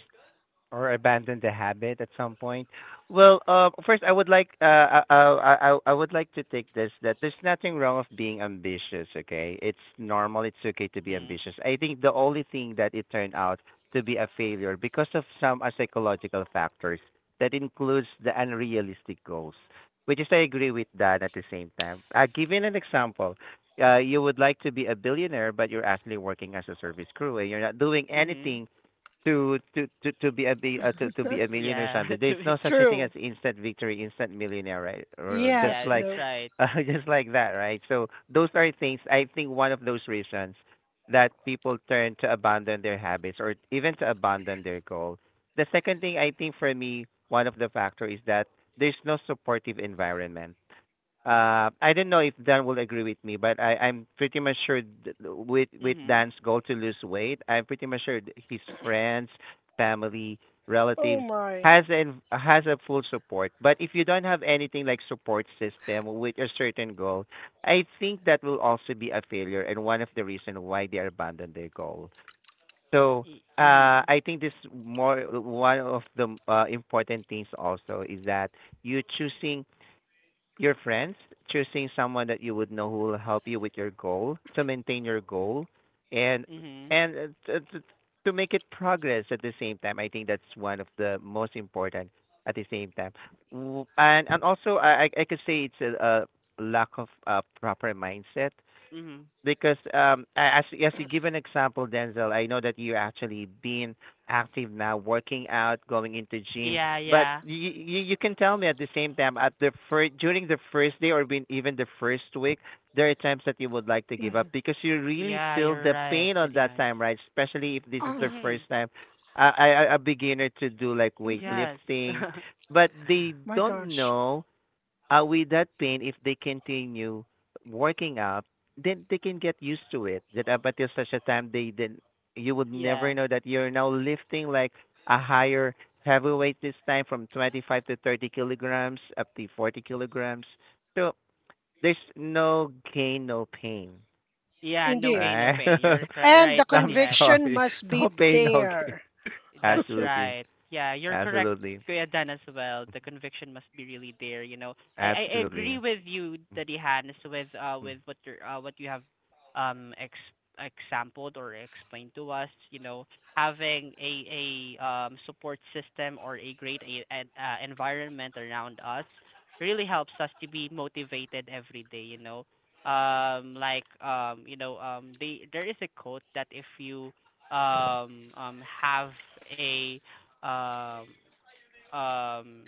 Speaker 2: Or abandon the habit at some point? Well, uh, first I would like uh, I, I I I would like to take this that there's nothing wrong of being ambitious. Okay, it's normal. It's okay to be
Speaker 1: Hmm.
Speaker 2: ambitious. I think the only thing that it turned out to be a failure because of some uh, psychological factors that includes the unrealistic goals, which is I agree with that at the same time. Uh, giving an example. Uh, you would like to be a billionaire, but you're actually working as a service crew and you're not doing
Speaker 1: Mhm.
Speaker 2: anything to to to to be a be uh, to to be a millionaire
Speaker 1: Yeah.
Speaker 2: someday.
Speaker 1: to
Speaker 2: There's no
Speaker 1: be-
Speaker 2: such a thing as instant victory, instant millionaire, right? Or just
Speaker 1: yeah,
Speaker 2: like
Speaker 1: that's right.
Speaker 2: uh, just like that, right? So those are things. I think one of those reasons that people turn to abandon their habits or even to abandon their goal. The second thing I think for me, one of the factor is that there's no supportive environment. Uh, I don't know if Dan will agree with me, but I, I'm pretty much sure th- with with
Speaker 1: Mhm.
Speaker 2: Dan's goal to lose weight, I'm pretty much sure th- his friends, family, relatives has an has a full support. But if you don't have anything like support system with a certain goal, I think that will also be a failure and one of the reason why they abandon their goal. So
Speaker 1: Y-
Speaker 2: uh,
Speaker 1: Mhm.
Speaker 2: I think this more one of the uh, important things also is that you choosing your friends, choosing someone that you would know who will help you with your goal to maintain your goal, and
Speaker 1: Mhm.
Speaker 2: and uh, to, to to make it progress at the same time. I think that's one of the most important at the same time. W- And and also I I I could say it's a, a lack of uh, proper mindset
Speaker 1: Mhm.
Speaker 2: because um, a- as as you give an example, Denzel, I know that you're actually being active now, working out, going into gym.
Speaker 1: Yeah,
Speaker 2: But
Speaker 1: yeah.
Speaker 2: you you, you can tell me at the same time at the first during the first day or been even the first week, there are times that you would like to give up because you really
Speaker 1: Yeah,
Speaker 2: feel
Speaker 1: you're
Speaker 2: the
Speaker 1: right,
Speaker 2: pain on
Speaker 1: Daddy
Speaker 2: that
Speaker 1: Hans.
Speaker 2: time, right? Especially if this is the first
Speaker 1: Mhm.
Speaker 2: time. I, I a beginner to do like
Speaker 1: Yes.
Speaker 2: weightlifting, but they don't know uh, with that pain, if they continue working up, then they can get used to it. That up until such a time, they then you would never
Speaker 1: Yeah.
Speaker 2: know that you're now lifting like a higher heavyweight this time from twenty-five to thirty kilograms up to forty kilograms. So there's no gain, no pain,
Speaker 1: Yeah, no gain, no
Speaker 2: right?
Speaker 1: pain. You're cr- right,
Speaker 2: I'm
Speaker 1: Daddy Hans.
Speaker 2: sorry, no pain, no gain.
Speaker 1: That's
Speaker 2: Absolutely,
Speaker 1: right. Yeah, you're correct,
Speaker 2: absolutely,
Speaker 1: Kuya Dan, as well. The conviction must be really there, you know. I I
Speaker 2: absolutely.
Speaker 1: agree with you, Daddy Hans, with uh
Speaker 2: Mm-hmm.
Speaker 1: with what you uh what you have um ex exampled or explained to us, you know, having a a um support system or a great a, an uh, environment around us really helps us to be motivated every day, you know. Um like um you know um they there is a quote that if you um, um, have a um, um,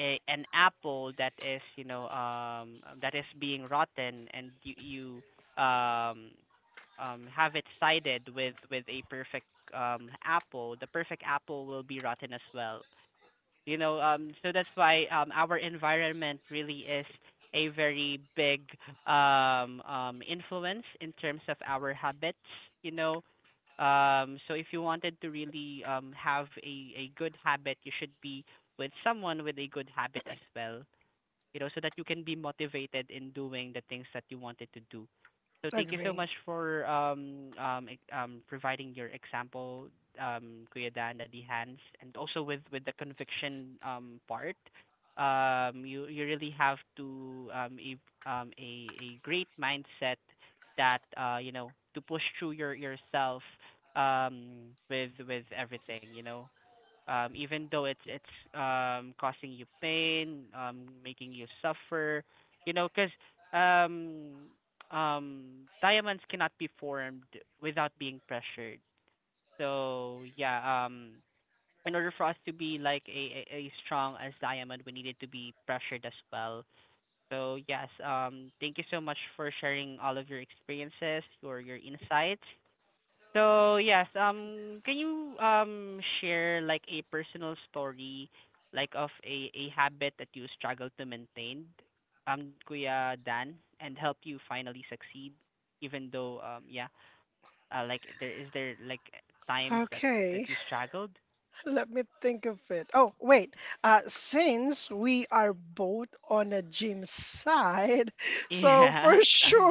Speaker 1: a, an apple that is, you know, um, that is being rotten, and you, you um, um, have it sided with with a perfect um, apple, the perfect apple will be rotten as well, you know, um so that's why um our environment really is a very big um um influence in terms of our habits, you know, um so if you wanted to really um have a a good habit, you should be with someone with a good habit as well, you know, so that you can be motivated in doing the things that you wanted to do. So thank you so much for um um ex- um providing your example, um Kuya Dan, Daddy Hans, and also with with the conviction um part. Um, you you really have to um a um a a great mindset that uh you know to push through your yourself um with with everything, you know, um, even though it's it's um, causing you pain, um, making you suffer, you know, because um, um, diamonds cannot be formed without being pressured. So yeah, um, in order for us to be like a, a, a strong as diamond, we needed to be pressured as well. So yes, um, thank you so much for sharing all of your experiences, your your insights. So yes, um, can you um share like a personal story, like of a a habit that you struggled to maintain, um, Kuya Dan, and help you finally succeed, even though um yeah, uh, like there is there like times that that you struggled? Yeah.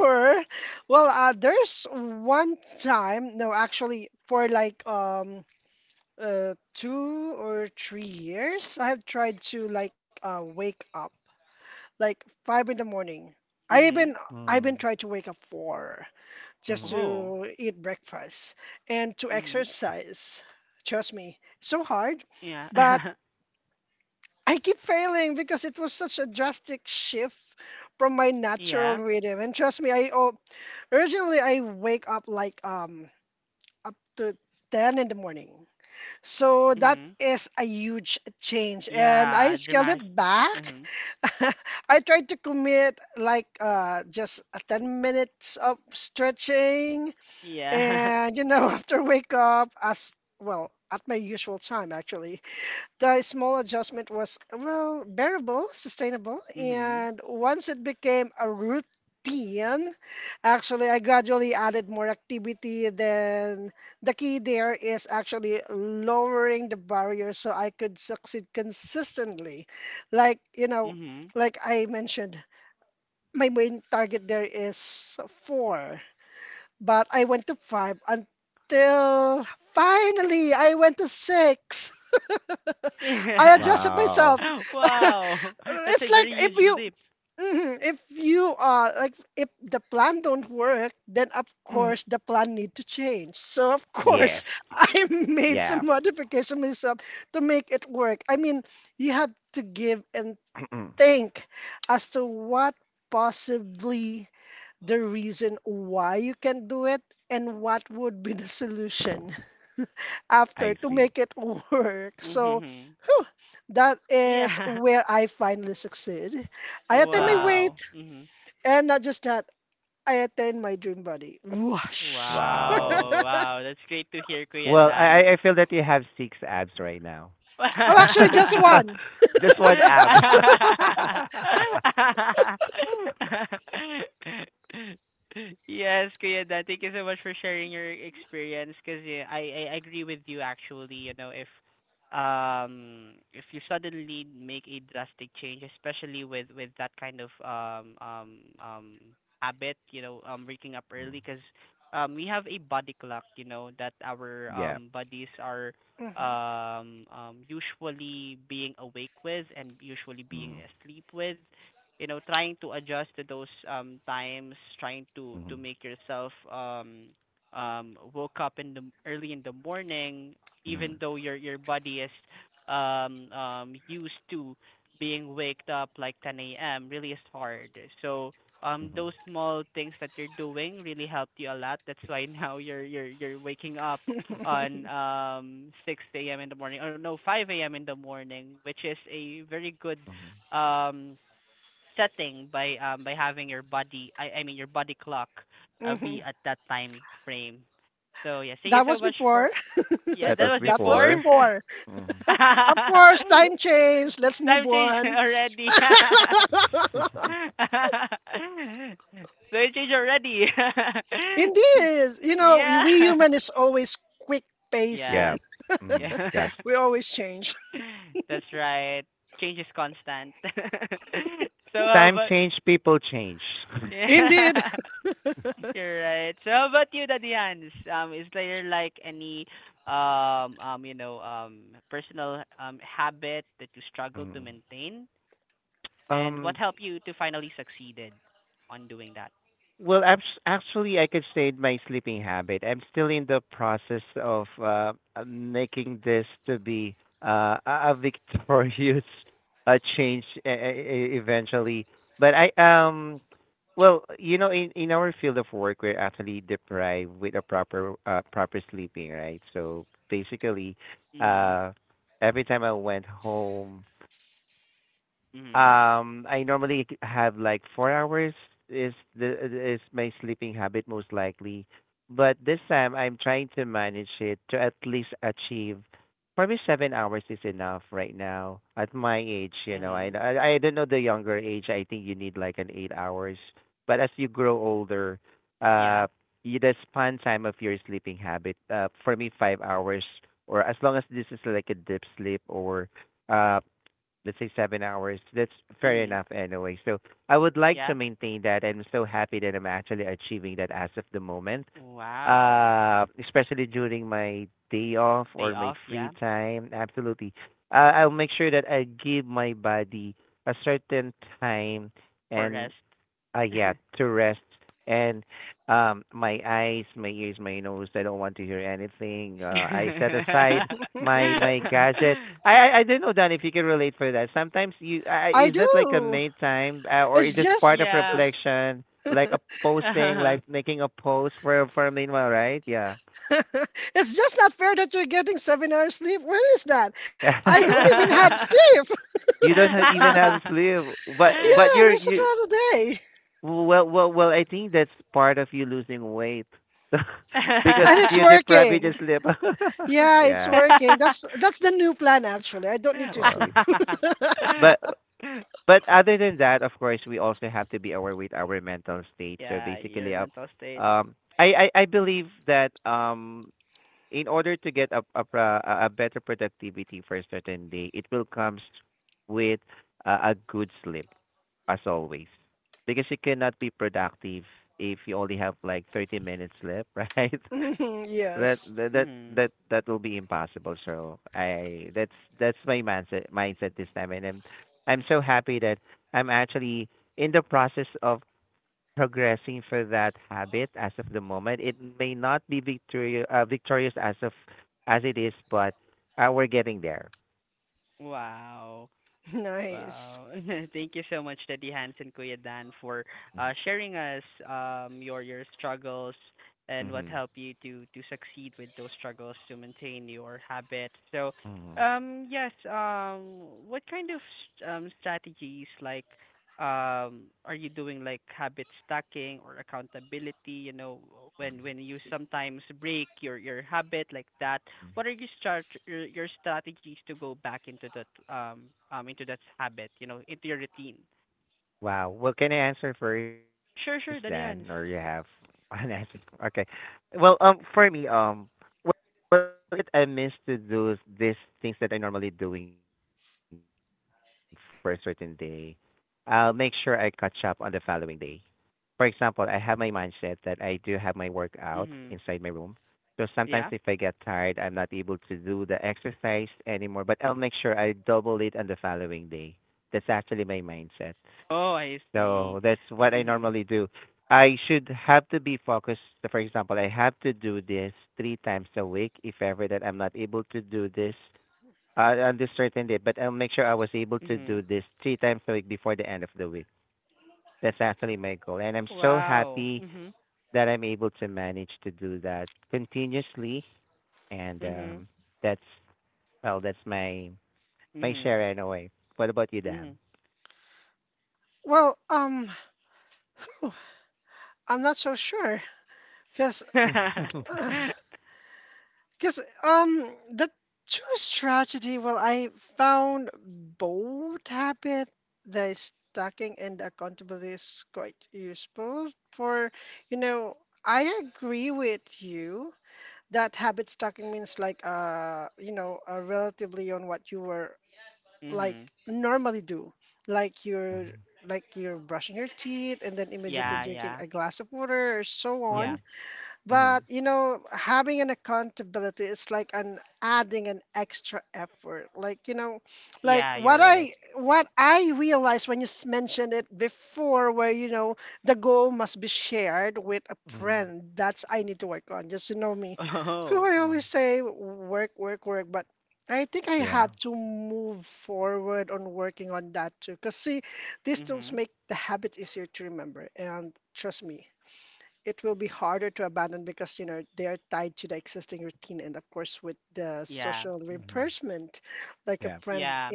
Speaker 1: mhm.
Speaker 2: Mm-hmm. Mm-hmm.
Speaker 1: Oh. Mhm. Yeah. yeah. Mhm. Yeah. Dramatic. Mhm. Yeah. mhm. Mhm. Yeah.
Speaker 2: Wow.
Speaker 1: Wow. That's a very huge leap.
Speaker 2: Mm, yes. Yeah. I see.
Speaker 1: Mm-hmm. Yeah.
Speaker 2: Wow.
Speaker 1: Wow. Mm-hmm.
Speaker 2: Wow.
Speaker 1: Wow. Wow. That's great to hear, Kuya
Speaker 2: Well, I
Speaker 1: Dan.
Speaker 2: I I feel that you have six abs right now. Just one ab.
Speaker 1: Yes, Kuya Dan, thank you so much for sharing your experience because yeah, I, I agree with you actually, you know, if um if you suddenly make a drastic change, especially with with that kind of um um um habit, you know, um waking up
Speaker 2: Mm,
Speaker 1: early because um we have a body clock, you know, that our
Speaker 2: yeah.
Speaker 1: um bodies are um, um, usually being awake with and usually being
Speaker 2: Mm,
Speaker 1: asleep with. You know, trying to adjust to those um, times, trying to to
Speaker 2: mhm,
Speaker 1: make yourself um, um, woke up in the early in the morning, even
Speaker 2: mhm,
Speaker 1: though your your body is um, um, used to being waked up like ten a m really is hard. So um
Speaker 2: mhm,
Speaker 1: those small things that you're doing really helped you a lot. That's why now you're you're you're waking up on um six a m in the morning or no five a m in the morning, which is a very good
Speaker 2: mhm.
Speaker 1: um setting by um by having your body I I mean your body clock uh, be at that time frame. So yeah, thank you so much for yeah,
Speaker 2: That
Speaker 1: that
Speaker 2: was
Speaker 1: was before
Speaker 2: before. Mhm.
Speaker 1: time change already. So it changed already. Yeah,
Speaker 2: Yeah.
Speaker 1: yeah,
Speaker 2: Mm, that's
Speaker 1: yeah. That's right. Change is constant. So how
Speaker 2: time
Speaker 1: about
Speaker 2: change. People change.
Speaker 1: yeah, you're right. So how about you, Daddy Hans? Um, is there like any um um you know um personal um habit that you struggle to
Speaker 2: Mm.
Speaker 1: maintain, and what
Speaker 2: Um,
Speaker 1: helped you to finally succeeded on doing that?
Speaker 2: Well, abs actually, I could say in my sleeping habit. I'm still in the process of uh, uh, making this to be uh, a a victorious uh, change e- e- e- eventually. But I um, well, you know, in in our field of work, we're actually deprived with a proper uh, proper sleeping, right? So basically,
Speaker 1: Mhm.
Speaker 2: uh, every time I went home.
Speaker 1: Mhm.
Speaker 2: Um, I normally c- have like four hours is the is my sleeping habit most likely, but this time I'm trying to manage it to at least achieve. Probably seven hours is enough right now at my age. You know, I
Speaker 1: Mhm.
Speaker 2: I, I don't know the younger age. I think you need like an eight hours, but as you grow older,
Speaker 1: Yeah.
Speaker 2: uh, you, the span time of your sleeping habit. Uh, for me, five hours, or as long as this is like a deep sleep or uh let's say seven hours. That's fair
Speaker 1: Mhm.
Speaker 2: enough anyway. So I would like to
Speaker 1: Yeah.
Speaker 2: maintain that. I'm so happy that I'm actually achieving that as of the moment.
Speaker 1: Wow.
Speaker 2: Uh, especially during my day off
Speaker 1: Day
Speaker 2: or my
Speaker 1: off.
Speaker 2: free
Speaker 1: Yeah.
Speaker 2: time. Absolutely. Uh, I'll make sure that I give my body a certain time
Speaker 1: For
Speaker 2: and
Speaker 1: rest.
Speaker 2: uh, yeah, to rest and um, my eyes, my ears, my nose. I don't want to hear anything. Uh, I set aside my my gadget. I I, I don't know, Dan, if you can relate for that. Sometimes you I, I- is that like a main time uh, or is this part of
Speaker 1: Yeah.
Speaker 2: reflection, like a posting,
Speaker 1: Uh-huh.
Speaker 2: like making a post for for meanwhile, right? Yeah. You don't have, even have sleep, but but you're you Well, well, well. I think that's part of you losing weight because you deprive you just sleep. Yeah. Wow. but but other than that, of course, we also have to be aware with our mental state. So
Speaker 1: Yeah,
Speaker 2: basically,
Speaker 1: your
Speaker 2: up.
Speaker 1: mental state.
Speaker 2: Um, I, I I believe that um, in order to get a a, pro- a a better productivity for a certain day, it will comes with a, a good sleep. As always because you cannot be productive if you only have like thirty minutes left right that that that
Speaker 1: Mhm.
Speaker 2: that, that will be impossible so I that's that's my mindset mindset this time and i'm i'm so happy that I'm actually in the process of progressing for that habit as of the moment. It may not be victorious uh, victorious as of as it is but uh, we're getting there.
Speaker 1: Wow. Wow. Thank you so much, Daddy Hans and Kuya Dan, for uh, sharing us um, your your struggles and what
Speaker 2: Hmm.
Speaker 1: helped you to to succeed with those struggles to maintain your habit. So,
Speaker 2: Hmm.
Speaker 1: um, yes, um, what kind of um, strategies like um are you doing, like habit stacking or accountability? you know when when you sometimes break your your habit like that,
Speaker 2: Hmm.
Speaker 1: what are your start your, your strategies to go back into that um um into that habit, you know into your routine?
Speaker 2: Wow. Well, can I answer first then, or
Speaker 1: Sure,
Speaker 2: you
Speaker 1: sure,
Speaker 2: have
Speaker 1: Daddy Hans.
Speaker 2: an answer? Okay. Well, um, for me, um, what what I miss to do is these things that I normally doing for a certain day. I'll make sure I catch up on the following day. For example, I have my mindset that I do have my workout inside my room.
Speaker 1: Mhm.
Speaker 2: So sometimes if I
Speaker 1: Yeah.
Speaker 2: get tired, I'm not able to do the exercise anymore, but I'll make sure I double it on the following day. That's actually my mindset.
Speaker 1: Oh, I see.
Speaker 2: So that's what I
Speaker 1: Mhm.
Speaker 2: normally do. I should have to be focused. So, for example, I have to do this three times a week. If ever that I'm not able to do this uh, on this certain day, but I'll make sure I was able to do
Speaker 1: Mhm.
Speaker 2: this three times a week before the end of the week. That's actually my goal, and I'm so
Speaker 1: Wow.
Speaker 2: happy
Speaker 1: Mhm.
Speaker 2: that I'm able to manage to do that continuously. And
Speaker 1: Mhm.
Speaker 2: um, that's well, that's my my
Speaker 1: Mhm.
Speaker 2: share in a way. What about you, Dan?
Speaker 1: Mhm.
Speaker 2: Mhm.
Speaker 1: Mhm. Yeah,
Speaker 2: Mhm.
Speaker 1: yeah, yeah,
Speaker 2: Mhm. Mhm.
Speaker 1: yeah, you're right.
Speaker 2: Mm,
Speaker 1: Oh.
Speaker 2: mm. Yeah.
Speaker 1: Mhm. Yeah.
Speaker 2: Mhm. Yeah.
Speaker 1: Yeah.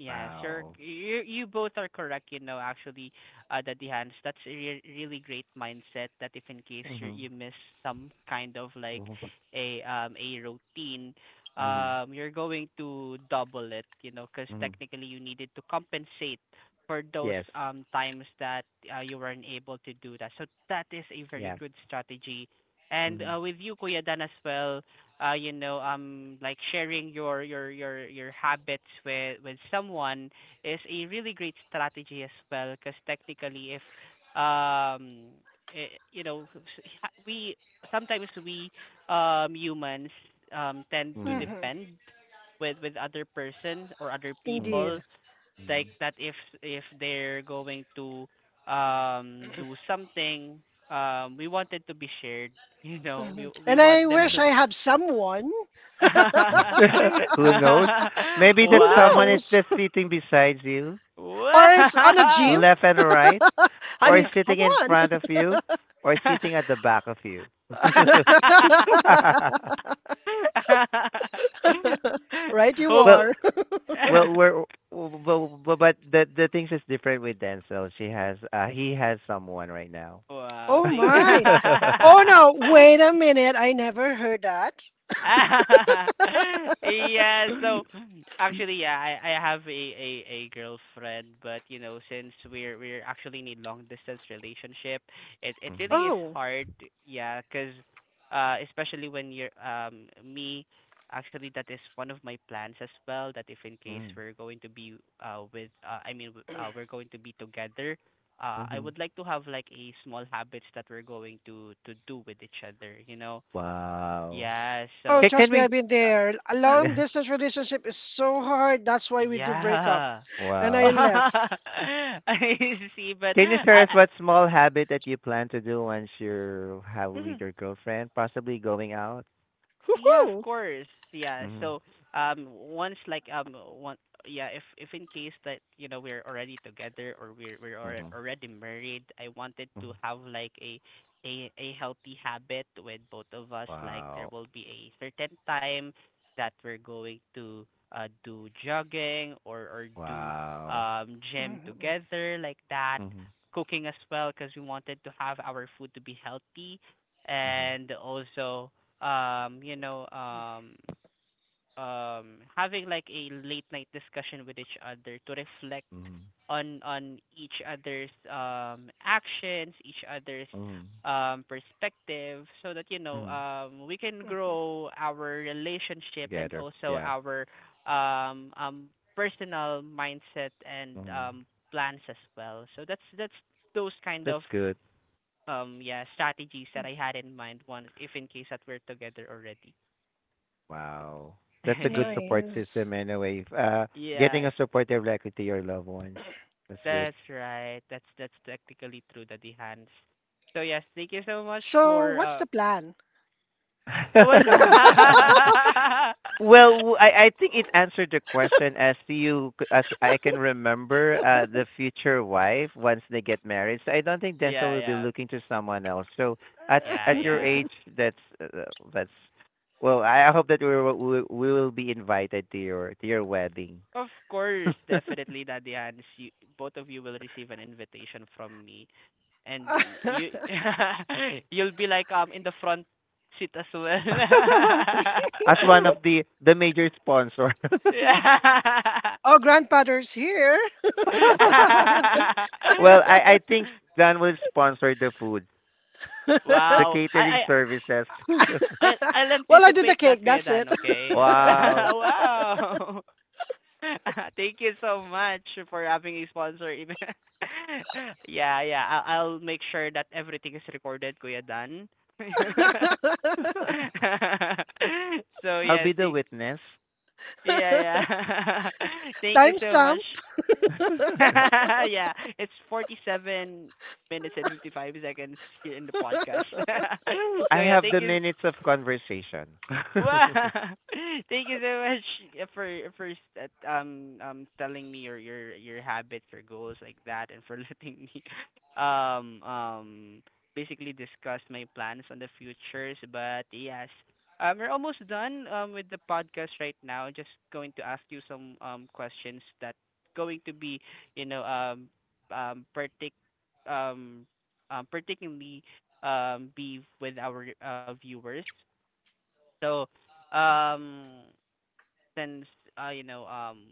Speaker 1: Yes, you're
Speaker 2: Wow.
Speaker 1: you you both are correct, you know, actually, uh Daddy Hans. That's a re- really great mindset that, if in case you
Speaker 2: Mhm.
Speaker 1: you miss some kind of like
Speaker 2: Mhm.
Speaker 1: a um a routine,
Speaker 2: Mhm.
Speaker 1: um you're going to double it, you know, because
Speaker 2: Mhm.
Speaker 1: technically you needed to compensate for those
Speaker 2: Yes.
Speaker 1: um times that uh, you weren't able to do that. So that is a very
Speaker 2: Yeah.
Speaker 1: good strategy. And
Speaker 2: Mhm.
Speaker 1: uh, with you, Kuya Dan, as well, uh, you know, um, like sharing your your your your habits with with someone is a really great strategy as well. Because technically, if um, eh, you know, we sometimes we um humans um tend to
Speaker 2: Mhm.
Speaker 1: depend with with other persons or other
Speaker 2: Mhm.
Speaker 1: people like
Speaker 2: Mhm.
Speaker 1: that, if if they're going to um do something, um we want it to be shared. You know, we we want them
Speaker 2: Yeah.
Speaker 1: to
Speaker 2: Who knows? Maybe that someone
Speaker 1: Wow.
Speaker 2: is just sitting beside you,
Speaker 1: Wow.
Speaker 2: left and right, or is sitting in front of you, or is sitting at the back of you. well,
Speaker 1: Hopeful
Speaker 2: Well, we're well, but, but the the things is different with Denzel. She has uh he has someone right now.
Speaker 1: Wow, thank yeah, so actually yeah, I I have a a a girlfriend, but you know, since we're we're actually in a long distance relationship, it it
Speaker 2: Mhm.
Speaker 1: really is hard, yeah, 'cause uh especially when you're um me actually, that is one of my plans as well, that if in case
Speaker 2: Mm.
Speaker 1: we're going to be uh with uh, I mean w- uh, we're going to be together, uh I
Speaker 2: Mhm.
Speaker 1: would like to have like a small habits that we're going to to do with each other, you know.
Speaker 2: Wow.
Speaker 1: Yeah,
Speaker 2: Can
Speaker 1: so
Speaker 2: can we?
Speaker 1: yeah.
Speaker 2: Wow.
Speaker 1: I, see, but
Speaker 2: Can you share
Speaker 1: I,
Speaker 2: us
Speaker 1: I
Speaker 2: what small habit that you plan to do once you're have
Speaker 1: mhm.
Speaker 2: with your girlfriend, possibly going out?
Speaker 1: Yeah, of course. Yeah.
Speaker 2: Mhm.
Speaker 1: So, um, once like um one yeah, if if in case that, you know, we're already together or we're we're alre-
Speaker 2: Mhm.
Speaker 1: already married, I wanted
Speaker 2: Mhm.
Speaker 1: to have like a a a healthy habit with both of us. Like, there
Speaker 2: Wow.
Speaker 1: will be a certain time that we're going to uh do jogging or or do
Speaker 2: Wow.
Speaker 1: um gym together like that,
Speaker 2: Mhm.
Speaker 1: cooking as well, because we wanted to have our food to be healthy,
Speaker 2: Mhm.
Speaker 1: and also um you know um um having like a late night discussion with each other to reflect
Speaker 2: Mhm.
Speaker 1: on on each other's um actions, each other's
Speaker 2: Mhm.
Speaker 1: um perspective, so that you know
Speaker 2: Mhm.
Speaker 1: um we can grow our relationship and
Speaker 2: Together.
Speaker 1: also
Speaker 2: Yeah.
Speaker 1: our um um personal mindset and
Speaker 2: Mhm.
Speaker 1: um plans as well. So that's that's those kind of
Speaker 2: That's good.
Speaker 1: um yeah strategies that I had in mind, once if in case that we're together already.
Speaker 2: Wow. That's a good support system anyway. Uh, getting
Speaker 1: Yeah,
Speaker 2: a support directly to your loved ones. That's good.
Speaker 1: that's right. That's that's technically true, Daddy Hans. So yes, thank you so much for uh I was
Speaker 2: well, I, I think it
Speaker 1: Oh,
Speaker 2: answered the question as to you as I can remember uh, the future wife once they get married. So I don't think Denzel
Speaker 1: yeah,
Speaker 2: will be
Speaker 1: yeah.
Speaker 2: looking to someone else. So at
Speaker 1: Yeah,
Speaker 2: at your
Speaker 1: yeah.
Speaker 2: age, that's uh, that's well. I I hope that we will- we will be invited to your to your wedding.
Speaker 1: Of course, definitely, Daddy Hans. You, both of you will receive an invitation from me. And y- you you'll be like um in the front seat as well.
Speaker 2: As one of the the major sponsor.
Speaker 1: Yeah.
Speaker 2: Well, I I think Dan will sponsor the food, the
Speaker 1: Wow. I I
Speaker 2: catering services.
Speaker 1: I'll, I'll anticipate that, Kuya Dan, okay?
Speaker 2: Wow.
Speaker 1: Wow. Thank you so much for having a sponsor, even. Yeah, yeah. I'll, I'll make sure that everything is recorded, Kuya Dan. So,
Speaker 2: I'll
Speaker 1: yes.
Speaker 2: be the
Speaker 1: Thank,
Speaker 2: witness.
Speaker 1: yeah, yeah. Thank you so much. Yeah, it's forty-seven minutes and fifty-five seconds here in the podcast.
Speaker 2: I
Speaker 1: So, yeah,
Speaker 2: have
Speaker 1: thank
Speaker 2: the
Speaker 1: you.
Speaker 2: minutes of conversation.
Speaker 1: Wow. Thank you so much uh, for for s- uh, um um telling me your your your habits or goals like that, and for letting me um um basically discuss my plans on the futures. But yes. Um we're almost done um with the podcast right now. Just going to ask you some um questions that going to be, you know, um um partic um um particularly um be with our uh, viewers. So, um, since uh, you know, um,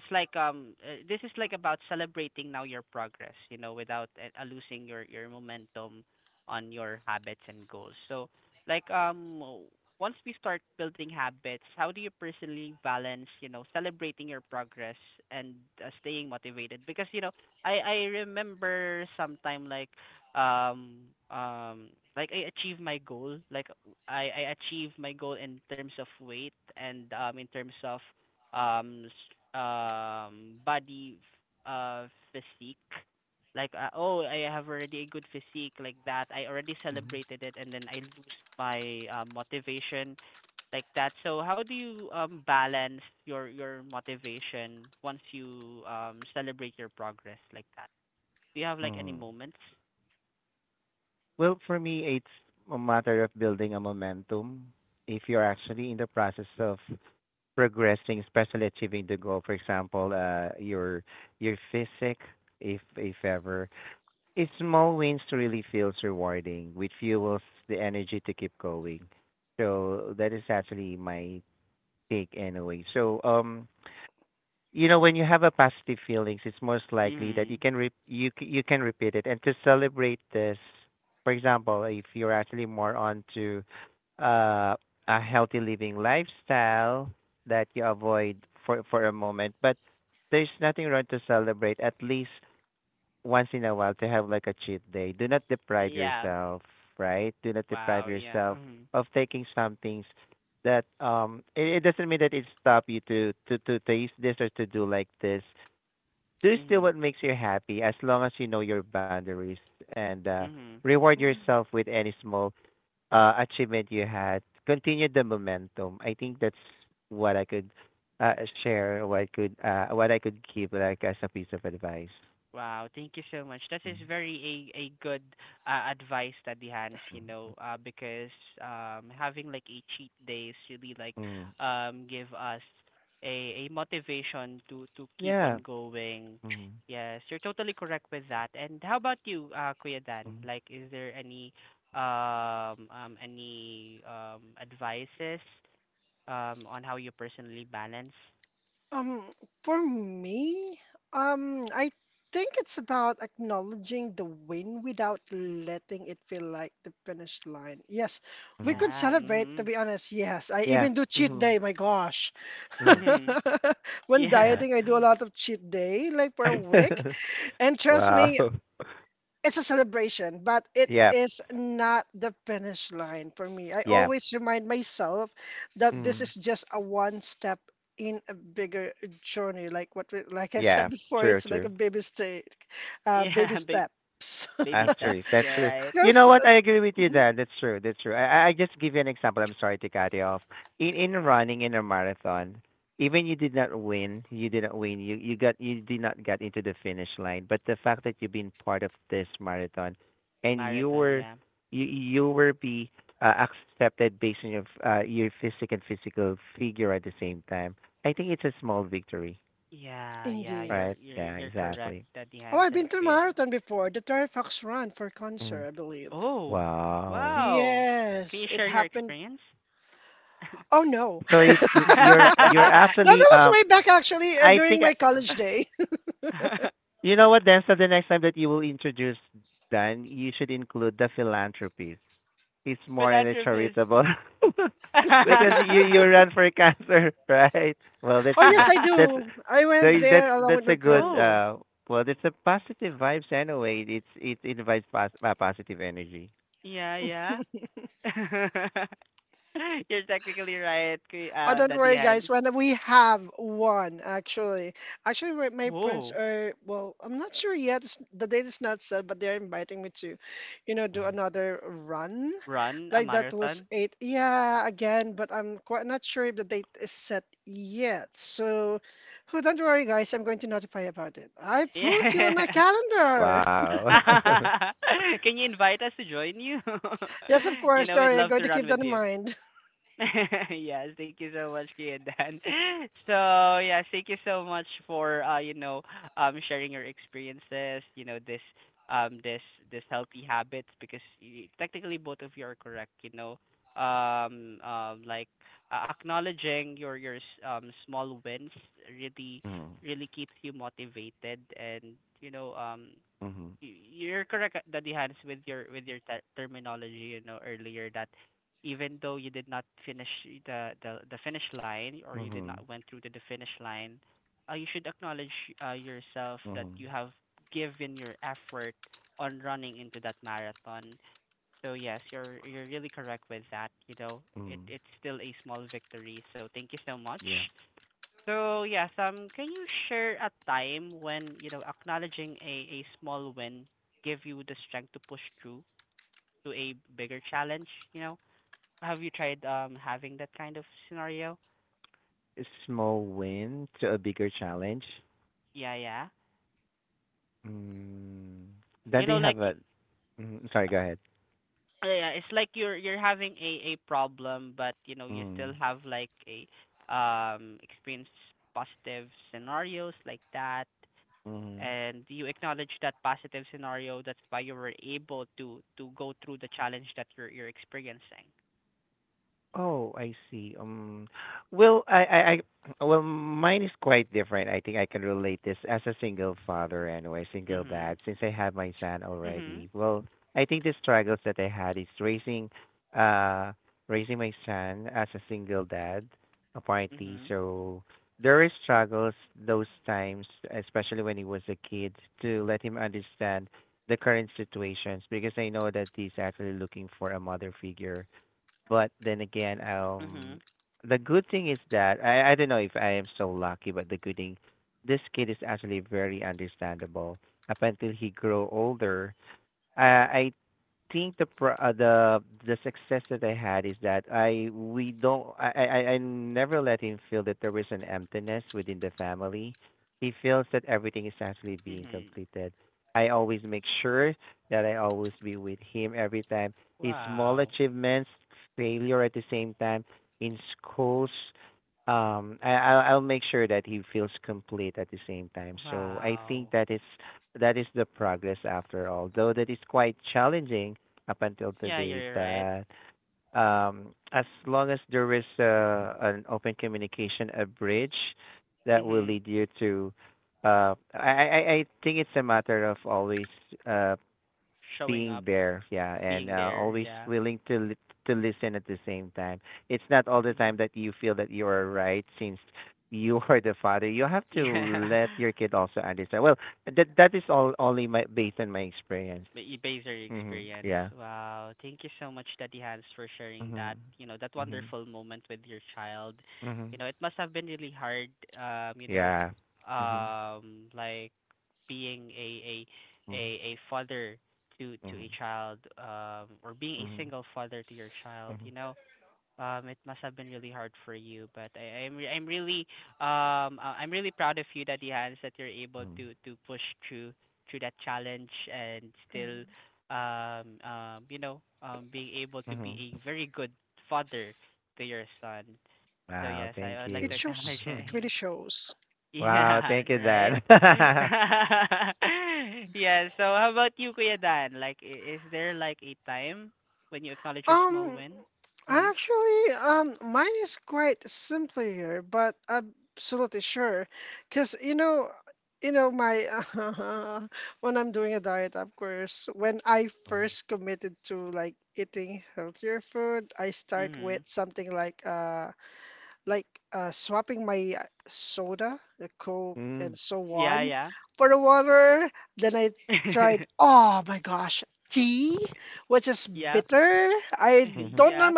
Speaker 1: it's like um uh, this is like about celebrating now your progress, you know, without uh, uh, losing your your momentum on your habits and goals. So like um w- once we start building habits, how do you personally balance, you know, celebrating your progress and uh, staying motivated? Because, you know, i i remember sometime like um um like I achieved my goal, like i i achieved my goal in terms of weight, and um in terms of um s- um body f- uh physique, like uh, oh, I have already a good physique like that. I already
Speaker 2: Mhm.
Speaker 1: celebrated it, and then I lose my uh, motivation like that. So how do you um balance your your motivation once you um celebrate your progress like that? Do you have like any
Speaker 2: Mm.
Speaker 1: moments?
Speaker 2: Well, for me, it's a matter of building a momentum. If you're actually in the process of progressing, especially achieving the goal, for example, uh, your your physique, if if ever. It's small wins really feels rewarding, which fuels the energy to keep going. So that is actually my take anyway. So um you know when you have a positive feelings it's most likely that you
Speaker 1: Mhm.
Speaker 2: can re- you c- you can repeat it and to celebrate this. For example, if you're actually more onto uh a healthy living lifestyle that you avoid for for a moment, but there's nothing wrong to celebrate at least once in a while to have like a cheat day. Do not deprive
Speaker 1: Yeah.
Speaker 2: yourself, right? Do not deprive
Speaker 1: Wow. Yeah.
Speaker 2: yourself
Speaker 1: Mhm.
Speaker 2: of taking some things that um it, it doesn't mean that it stop you to to to taste this or to do like this. Do still
Speaker 1: Mhm.
Speaker 2: what makes you happy as long as you know your boundaries and uh
Speaker 1: Mhm.
Speaker 2: reward yourself with any small uh achievement you had. Continue the momentum. I think that's what I could uh share, what I could uh what I could give like as a piece of advice.
Speaker 1: Wow, thank you so much. That is
Speaker 2: Mm,
Speaker 1: very a a good uh, advice, Daddy Hans, you know,
Speaker 2: mm,
Speaker 1: uh, because um having like a cheat days really, like,
Speaker 2: Mm.
Speaker 1: um give us a a motivation to to keep on
Speaker 2: Yeah.
Speaker 1: going.
Speaker 2: Mhm.
Speaker 1: Yes, you're totally correct with that. And how about you, uh, Kuya Dan?
Speaker 2: Mhm.
Speaker 1: Like, is there any um um any um advices um on how you personally balance?
Speaker 2: Mhm.
Speaker 1: Yeah. Mhm.
Speaker 2: Yeah. Mhm. Mhm.
Speaker 1: Mhm.
Speaker 2: Yeah.
Speaker 1: Yeah.
Speaker 2: Wow. Yeah. Yeah. Mhm. Yeah. True, true.
Speaker 1: Yeah. Ba- baby
Speaker 2: After
Speaker 1: steps.
Speaker 2: it. That's
Speaker 1: Yeah,
Speaker 2: true.
Speaker 1: right.
Speaker 2: You know what? I agree with you, Dan. That's true. That's true. I, I I just give you an example. I'm sorry to cut you off. In in running in a marathon, even you did not win, you didn't win. You you got you did not get into the finish line. But the fact that you've been part of this marathon, and you
Speaker 1: Marathon.
Speaker 2: were
Speaker 1: Yeah.
Speaker 2: you you were be uh, accepted based on your f- uh, your physique and physical figure at the same time. I think it's a small victory,
Speaker 1: Yeah, yeah. You're
Speaker 2: right?
Speaker 1: you're
Speaker 2: Yeah,
Speaker 1: you're correct,
Speaker 2: exactly.
Speaker 1: Daddy Hans and Kuya Dan.
Speaker 2: Mm.
Speaker 1: Oh,
Speaker 2: Wow.
Speaker 1: wow. Can you share your experience?
Speaker 2: So it's l- you're you're actually um I think I- you know what, then so the next time that you will introduce Dan you should include the philanthropy. It's more in a
Speaker 1: Philanthropist.
Speaker 2: charitable because you you run for cancer, right? Well, that's that's that- that's that's a good
Speaker 1: Oh,
Speaker 2: uh well it's a positive vibes anyway. It's it invites pos- uh, positive energy.
Speaker 1: yeah, yeah. You're technically right, Kuya uh, Daddy Hans. Whoa, run a marathon? Yeah.
Speaker 2: Wow.
Speaker 1: Can you invite us to join you? You know, we'd love to run with you. Yes, thank you so much, Kia and Dan. So yes, thank you so much for uh, you know, um sharing your experiences, you know, this um this this healthy habits, because y- technically both of you are correct, you know. Um um like uh, acknowledging your your s- um small wins really
Speaker 2: Mhm.
Speaker 1: really keeps you motivated, and you know um
Speaker 2: Mhm.
Speaker 1: you're correct, uh, Daddy Hans, with your with your ter- terminology, you know, earlier, that even though you did not finish the the the finish line, or you did not
Speaker 2: Mhm.
Speaker 1: went through to the finish line, uh, you should acknowledge uh, yourself that
Speaker 2: Mhm.
Speaker 1: you have given your effort on running into that marathon. So yes, you're you're really correct with that. You know, it
Speaker 2: Mhm.
Speaker 1: it's still a small victory. So thank you so much.
Speaker 2: Yeah.
Speaker 1: So yes, um, can you share a time when, you know, acknowledging a, a small win give you the strength to push through to a bigger challenge, you know? Have you tried um having that kind of scenario?
Speaker 2: Small win to a bigger challenge.
Speaker 1: Yeah, yeah.
Speaker 2: Mm. Then
Speaker 1: You
Speaker 2: they
Speaker 1: know,
Speaker 2: have
Speaker 1: like, y-
Speaker 2: a. Mm, sorry, go ahead.
Speaker 1: uh, yeah, it's like you're you're having a a problem, but, you know, you still
Speaker 2: Mm.
Speaker 1: have like a um experience positive scenarios like that,
Speaker 2: Mm.
Speaker 1: and you acknowledge that positive scenario. That's why you were able to to go through the challenge that you're you're experiencing.
Speaker 2: Oh, I see. Um, well, I, I, I, well, mine is quite different. I think I can relate this as a single father anyway, single
Speaker 1: Mhm.
Speaker 2: dad, since I have my son
Speaker 1: Mhm.
Speaker 2: already. Well, I think the struggles that I had is raising, uh, raising my son as a single dad, apparently.
Speaker 1: Mhm.
Speaker 2: So there is struggles those times, especially when he was a kid, to let him understand the current situations because I know that he's actually looking for a mother figure but then again, um,
Speaker 1: Mhm.
Speaker 2: the good thing is that I I don't know if I am so lucky, but the good thing, this kid is actually very understandable. Up until he grow older, uh, I think the pro- uh, the the success that I had is that I we don't I, I I I never let him feel that there is an emptiness within the family. He feels that everything is actually being
Speaker 1: Mhm.
Speaker 2: completed. I always make sure that I always be with him every time. His small
Speaker 1: Wow.
Speaker 2: achievements, failure at the same time in schools. Um, I I'll, I'll make sure that he feels complete at the same time. So I think
Speaker 1: Wow.
Speaker 2: that is that is the progress after all. Though that is quite challenging up until
Speaker 1: Yeah,
Speaker 2: today.
Speaker 1: you're right.
Speaker 2: But um, as long as there is uh, an open communication, a bridge that will
Speaker 1: Mhm.
Speaker 2: lead you to. Uh, I, I I think it's a matter of always uh
Speaker 1: Showing
Speaker 2: being
Speaker 1: up,
Speaker 2: there, yeah, and
Speaker 1: being
Speaker 2: uh,
Speaker 1: there.
Speaker 2: always
Speaker 1: Yeah.
Speaker 2: willing to li- to listen at the same time. It's not all the
Speaker 1: Mhm.
Speaker 2: time that you feel that you are right, since you are the father. You have to
Speaker 1: Yeah.
Speaker 2: let your kid also understand. Well, that that is all only my based on my experience.
Speaker 1: Ba- you base your
Speaker 2: Hmm.
Speaker 1: experience.
Speaker 2: Yeah.
Speaker 1: Wow. Thank you so much, Daddy Hans, for sharing that,
Speaker 2: Mhm.
Speaker 1: you know, that
Speaker 2: Mhm.
Speaker 1: wonderful moment with your child. You
Speaker 2: Mhm.
Speaker 1: know, it must have been really hard, um, you know,
Speaker 2: Yeah. Mhm.
Speaker 1: um, like being a a a,
Speaker 2: Mhm.
Speaker 1: a father to to a
Speaker 2: Mhm.
Speaker 1: child, um, or being a
Speaker 2: Mhm.
Speaker 1: single father to your child,
Speaker 2: Mhm.
Speaker 1: you know, um it must have been really hard for you, but i i'm re- i'm really um uh, I'm really proud of you, Daddy Hans, that you're able
Speaker 2: Mhm.
Speaker 1: to to push through through that challenge and still um um you know, um being able to be
Speaker 2: Mhm.
Speaker 1: a very good father to your son. So
Speaker 2: Wow,
Speaker 1: yes, I
Speaker 2: thank
Speaker 1: would like
Speaker 2: you.
Speaker 1: to acknowledge. Yeah,
Speaker 2: Wow,
Speaker 1: yeah,
Speaker 2: thank you,
Speaker 1: right.
Speaker 2: Dad.
Speaker 1: Yeah, so how about you, Kuya Dan, like i- is there like a time when you acknowledge your small win? Mhm. Mhm.
Speaker 2: Mhm.
Speaker 1: Yeah, yeah. Yeah.
Speaker 2: Mhm.
Speaker 1: Yeah.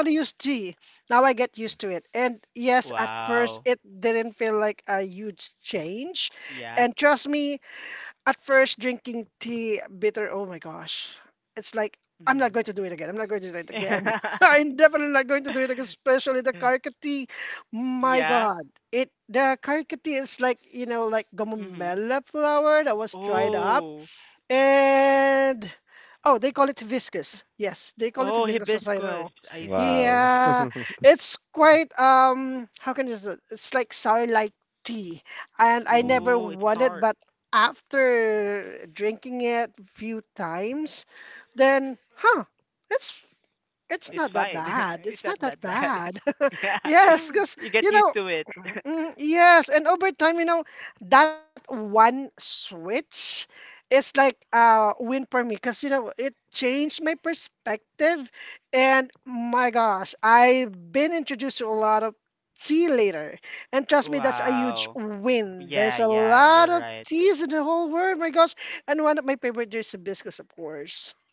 Speaker 1: Wow. Yeah. Mhm. Yeah. Mhm.
Speaker 2: Mhm.
Speaker 1: Oh. Oh, hibiscus. I see.
Speaker 2: Wow. Mhm.
Speaker 1: Oh, it's sour. It's fine. It's not that bad. Yeah. You get used to it. Wow. Yeah, yeah, you're right.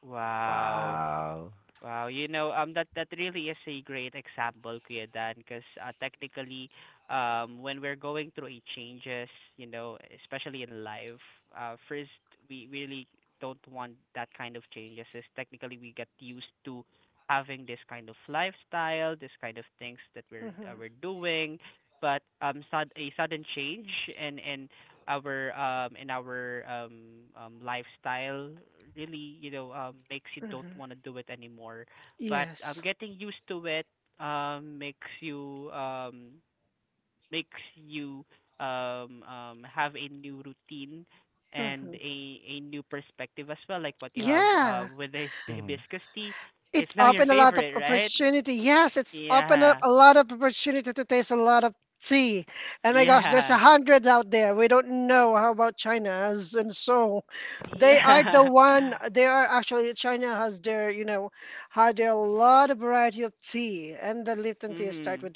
Speaker 1: Wow.
Speaker 2: Wow.
Speaker 1: Wow, you know, um, that that really is a great example, Kuya Dan, because uh, technically, um, when we're going through a changes, you know, especially in life, uh, first we really don't want that kind of changes. Is technically we get used to having this kind of lifestyle, this kind of things that we're uh, we're doing, but um, sud- a sudden change and and our um in our um um lifestyle really, you know, um makes you don't want to do it anymore, but um getting used to it um makes you um makes you um um have a new routine and a a new perspective as well, like what you have uh with the hibis-
Speaker 2: Mhm.
Speaker 1: hibiscus tea. It's now your favorite, right? Yeah, yeah, yeah. Mhm.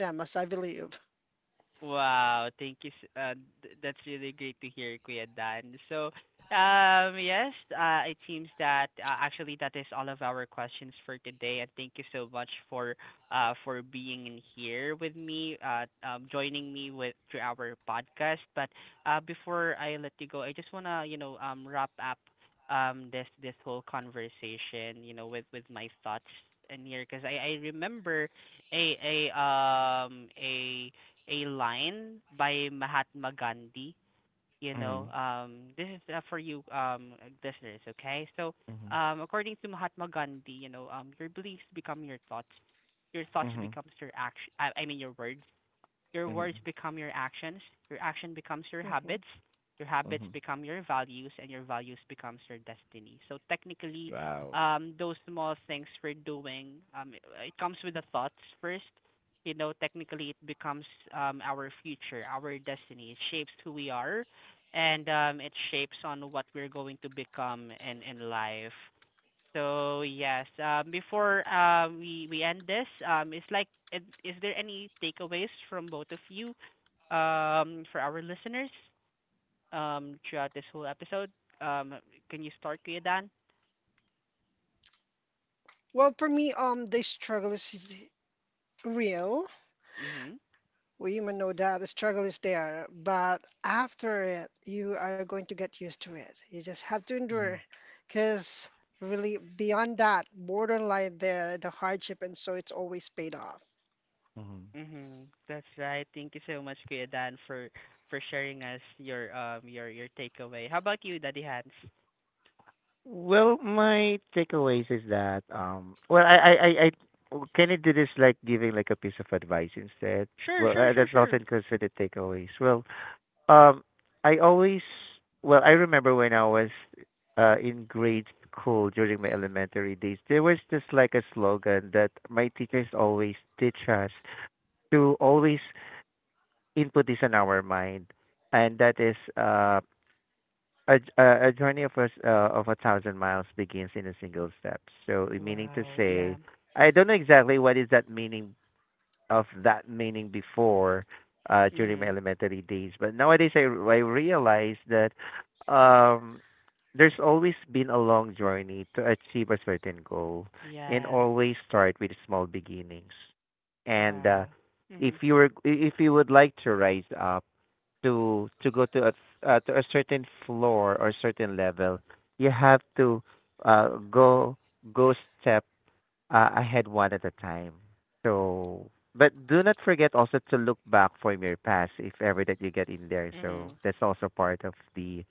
Speaker 1: Wow, thank you. s- Uh, th- that's really great to hear, Kuya Dan. So, um, yes, uh, it seems that uh, actually that is all of our questions for today, and thank you so much for uh for being in here with me, uh, um, joining me with through our podcast. But uh, before I let you go, I just wanna, you know, um wrap up um this this whole conversation, you know, with with my thoughts in here, because I I remember a a um a a line by Mahatma Gandhi. You know,
Speaker 2: Mhm.
Speaker 1: um, this is uh, for you, um, listeners. Okay, so
Speaker 2: Mhm.
Speaker 1: um, according to Mahatma Gandhi, you know, um, your beliefs become your thoughts, your thoughts
Speaker 2: Mhm.
Speaker 1: becomes your action. I, I mean, your words, your words
Speaker 2: Mhm.
Speaker 1: become your actions, your action becomes your habits, your habits
Speaker 2: Mhm.
Speaker 1: become your values, and your values becomes your destiny. So technically,
Speaker 2: Wow.
Speaker 1: um, those small things we're doing, um, it it comes with the thoughts first. You know, technically, it becomes um, our future, our destiny. It shapes who we are, and um, it shapes on what we're going to become in in life. So yes, um, before uh, we we end this, um, it's like, is, is there any takeaways from both of you, um, for our listeners, um, throughout this whole episode? Um, can you start, Kuya Dan? Mhm.
Speaker 2: Mhm. Mhm.
Speaker 1: Mhm. That's right. Thank you so much, Kuya Dan, for for sharing us your um your your takeaway. How about you, Daddy Hans?
Speaker 2: Well, my takeaways is that um well I I I, I can I do this like giving like a piece of advice instead?
Speaker 1: Sure,
Speaker 2: Well,
Speaker 1: sure,
Speaker 2: uh,
Speaker 1: sure,
Speaker 2: that's also
Speaker 1: sure.
Speaker 2: considered takeaways. Well, um I always well I remember when I was uh in grade school during my elementary days, there was just like a slogan that my teachers always teach us to always input this in our mind, and that is uh a, j- a, a journey of a, s- uh, of a thousand miles begins in a single step. So, it meaning to
Speaker 1: Wow.
Speaker 2: say,
Speaker 1: Yeah.
Speaker 2: I don't know exactly what is that meaning of that meaning before uh, during my
Speaker 1: Mhm.
Speaker 2: elementary days, but nowadays I, r- I realize that um, there's always been a long journey to achieve a certain goal, and
Speaker 1: Yeah.
Speaker 2: always start with small beginnings. And uh,
Speaker 1: Wow.
Speaker 2: if
Speaker 1: Mhm.
Speaker 2: you were, if you would like to rise up, to to go to a uh, to a certain floor or certain level, you have to uh, go go step uh, I had one at a time. So, but do not forget also to look back from your past if ever that you get in there. So
Speaker 1: Mhm.
Speaker 2: that's also part of the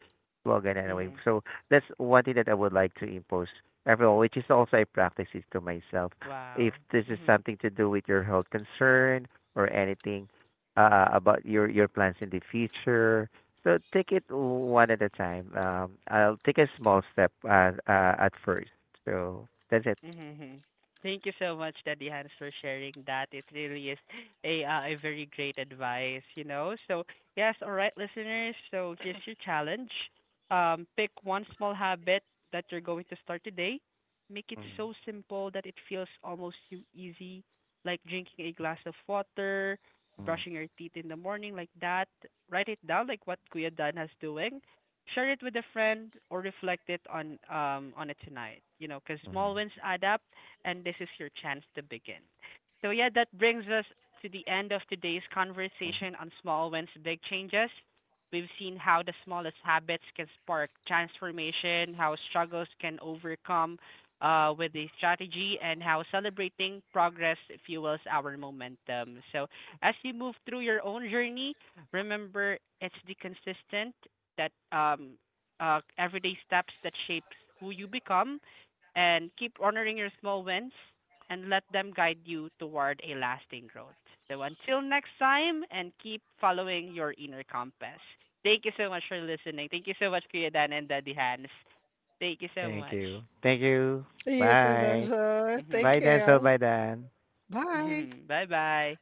Speaker 2: slogan anyway.
Speaker 1: Mhm.
Speaker 2: So that's one thing that I would like to impose everyone, which is also I practice it to myself. If
Speaker 1: Wow.
Speaker 2: this is
Speaker 1: Mhm.
Speaker 2: something to do with your health concern or anything uh, about your your plans in the future, so take it one at a time. Um, I'll take a small step uh, uh, at first. So that's it.
Speaker 1: Mhm. Mhm. Thank you so much, Daddy Hans, for sharing that. It really is a uh, a very great advice, you know. So yes, all right, listeners. So here's your challenge. Um, pick one small habit that you're going to start today. Make it
Speaker 2: Mhm.
Speaker 1: so simple that it feels almost too easy, like drinking a glass of water,
Speaker 2: Mm,
Speaker 1: brushing your teeth in the morning, like that. Write it down, like what Kuya Dan has doing. Share it with a friend or reflect it on um on it tonight, you know, because
Speaker 2: mm,
Speaker 1: small wins add up, and this is your chance to begin. So yeah, that brings us to the end of today's
Speaker 2: mm.
Speaker 1: conversation on small wins, big changes. We've seen how the smallest habits can spark transformation, how struggles can overcome uh, with a strategy, and how celebrating progress fuels our momentum. So, as you move through your own journey, remember it's the consistent that um uh everyday steps that shapes who you become, and keep honoring your small wins and let them guide you toward a lasting growth. So until next time, and keep following your inner compass. Thank you so much for listening. Thank you so much, Kuya Dan and Daddy Hans. Thank you so
Speaker 2: Thank
Speaker 1: much.
Speaker 2: you. Thank you. Bye. Bye,
Speaker 1: Mhm.
Speaker 2: Denzel. Bye, Dan.
Speaker 1: Mhm. Bye-bye.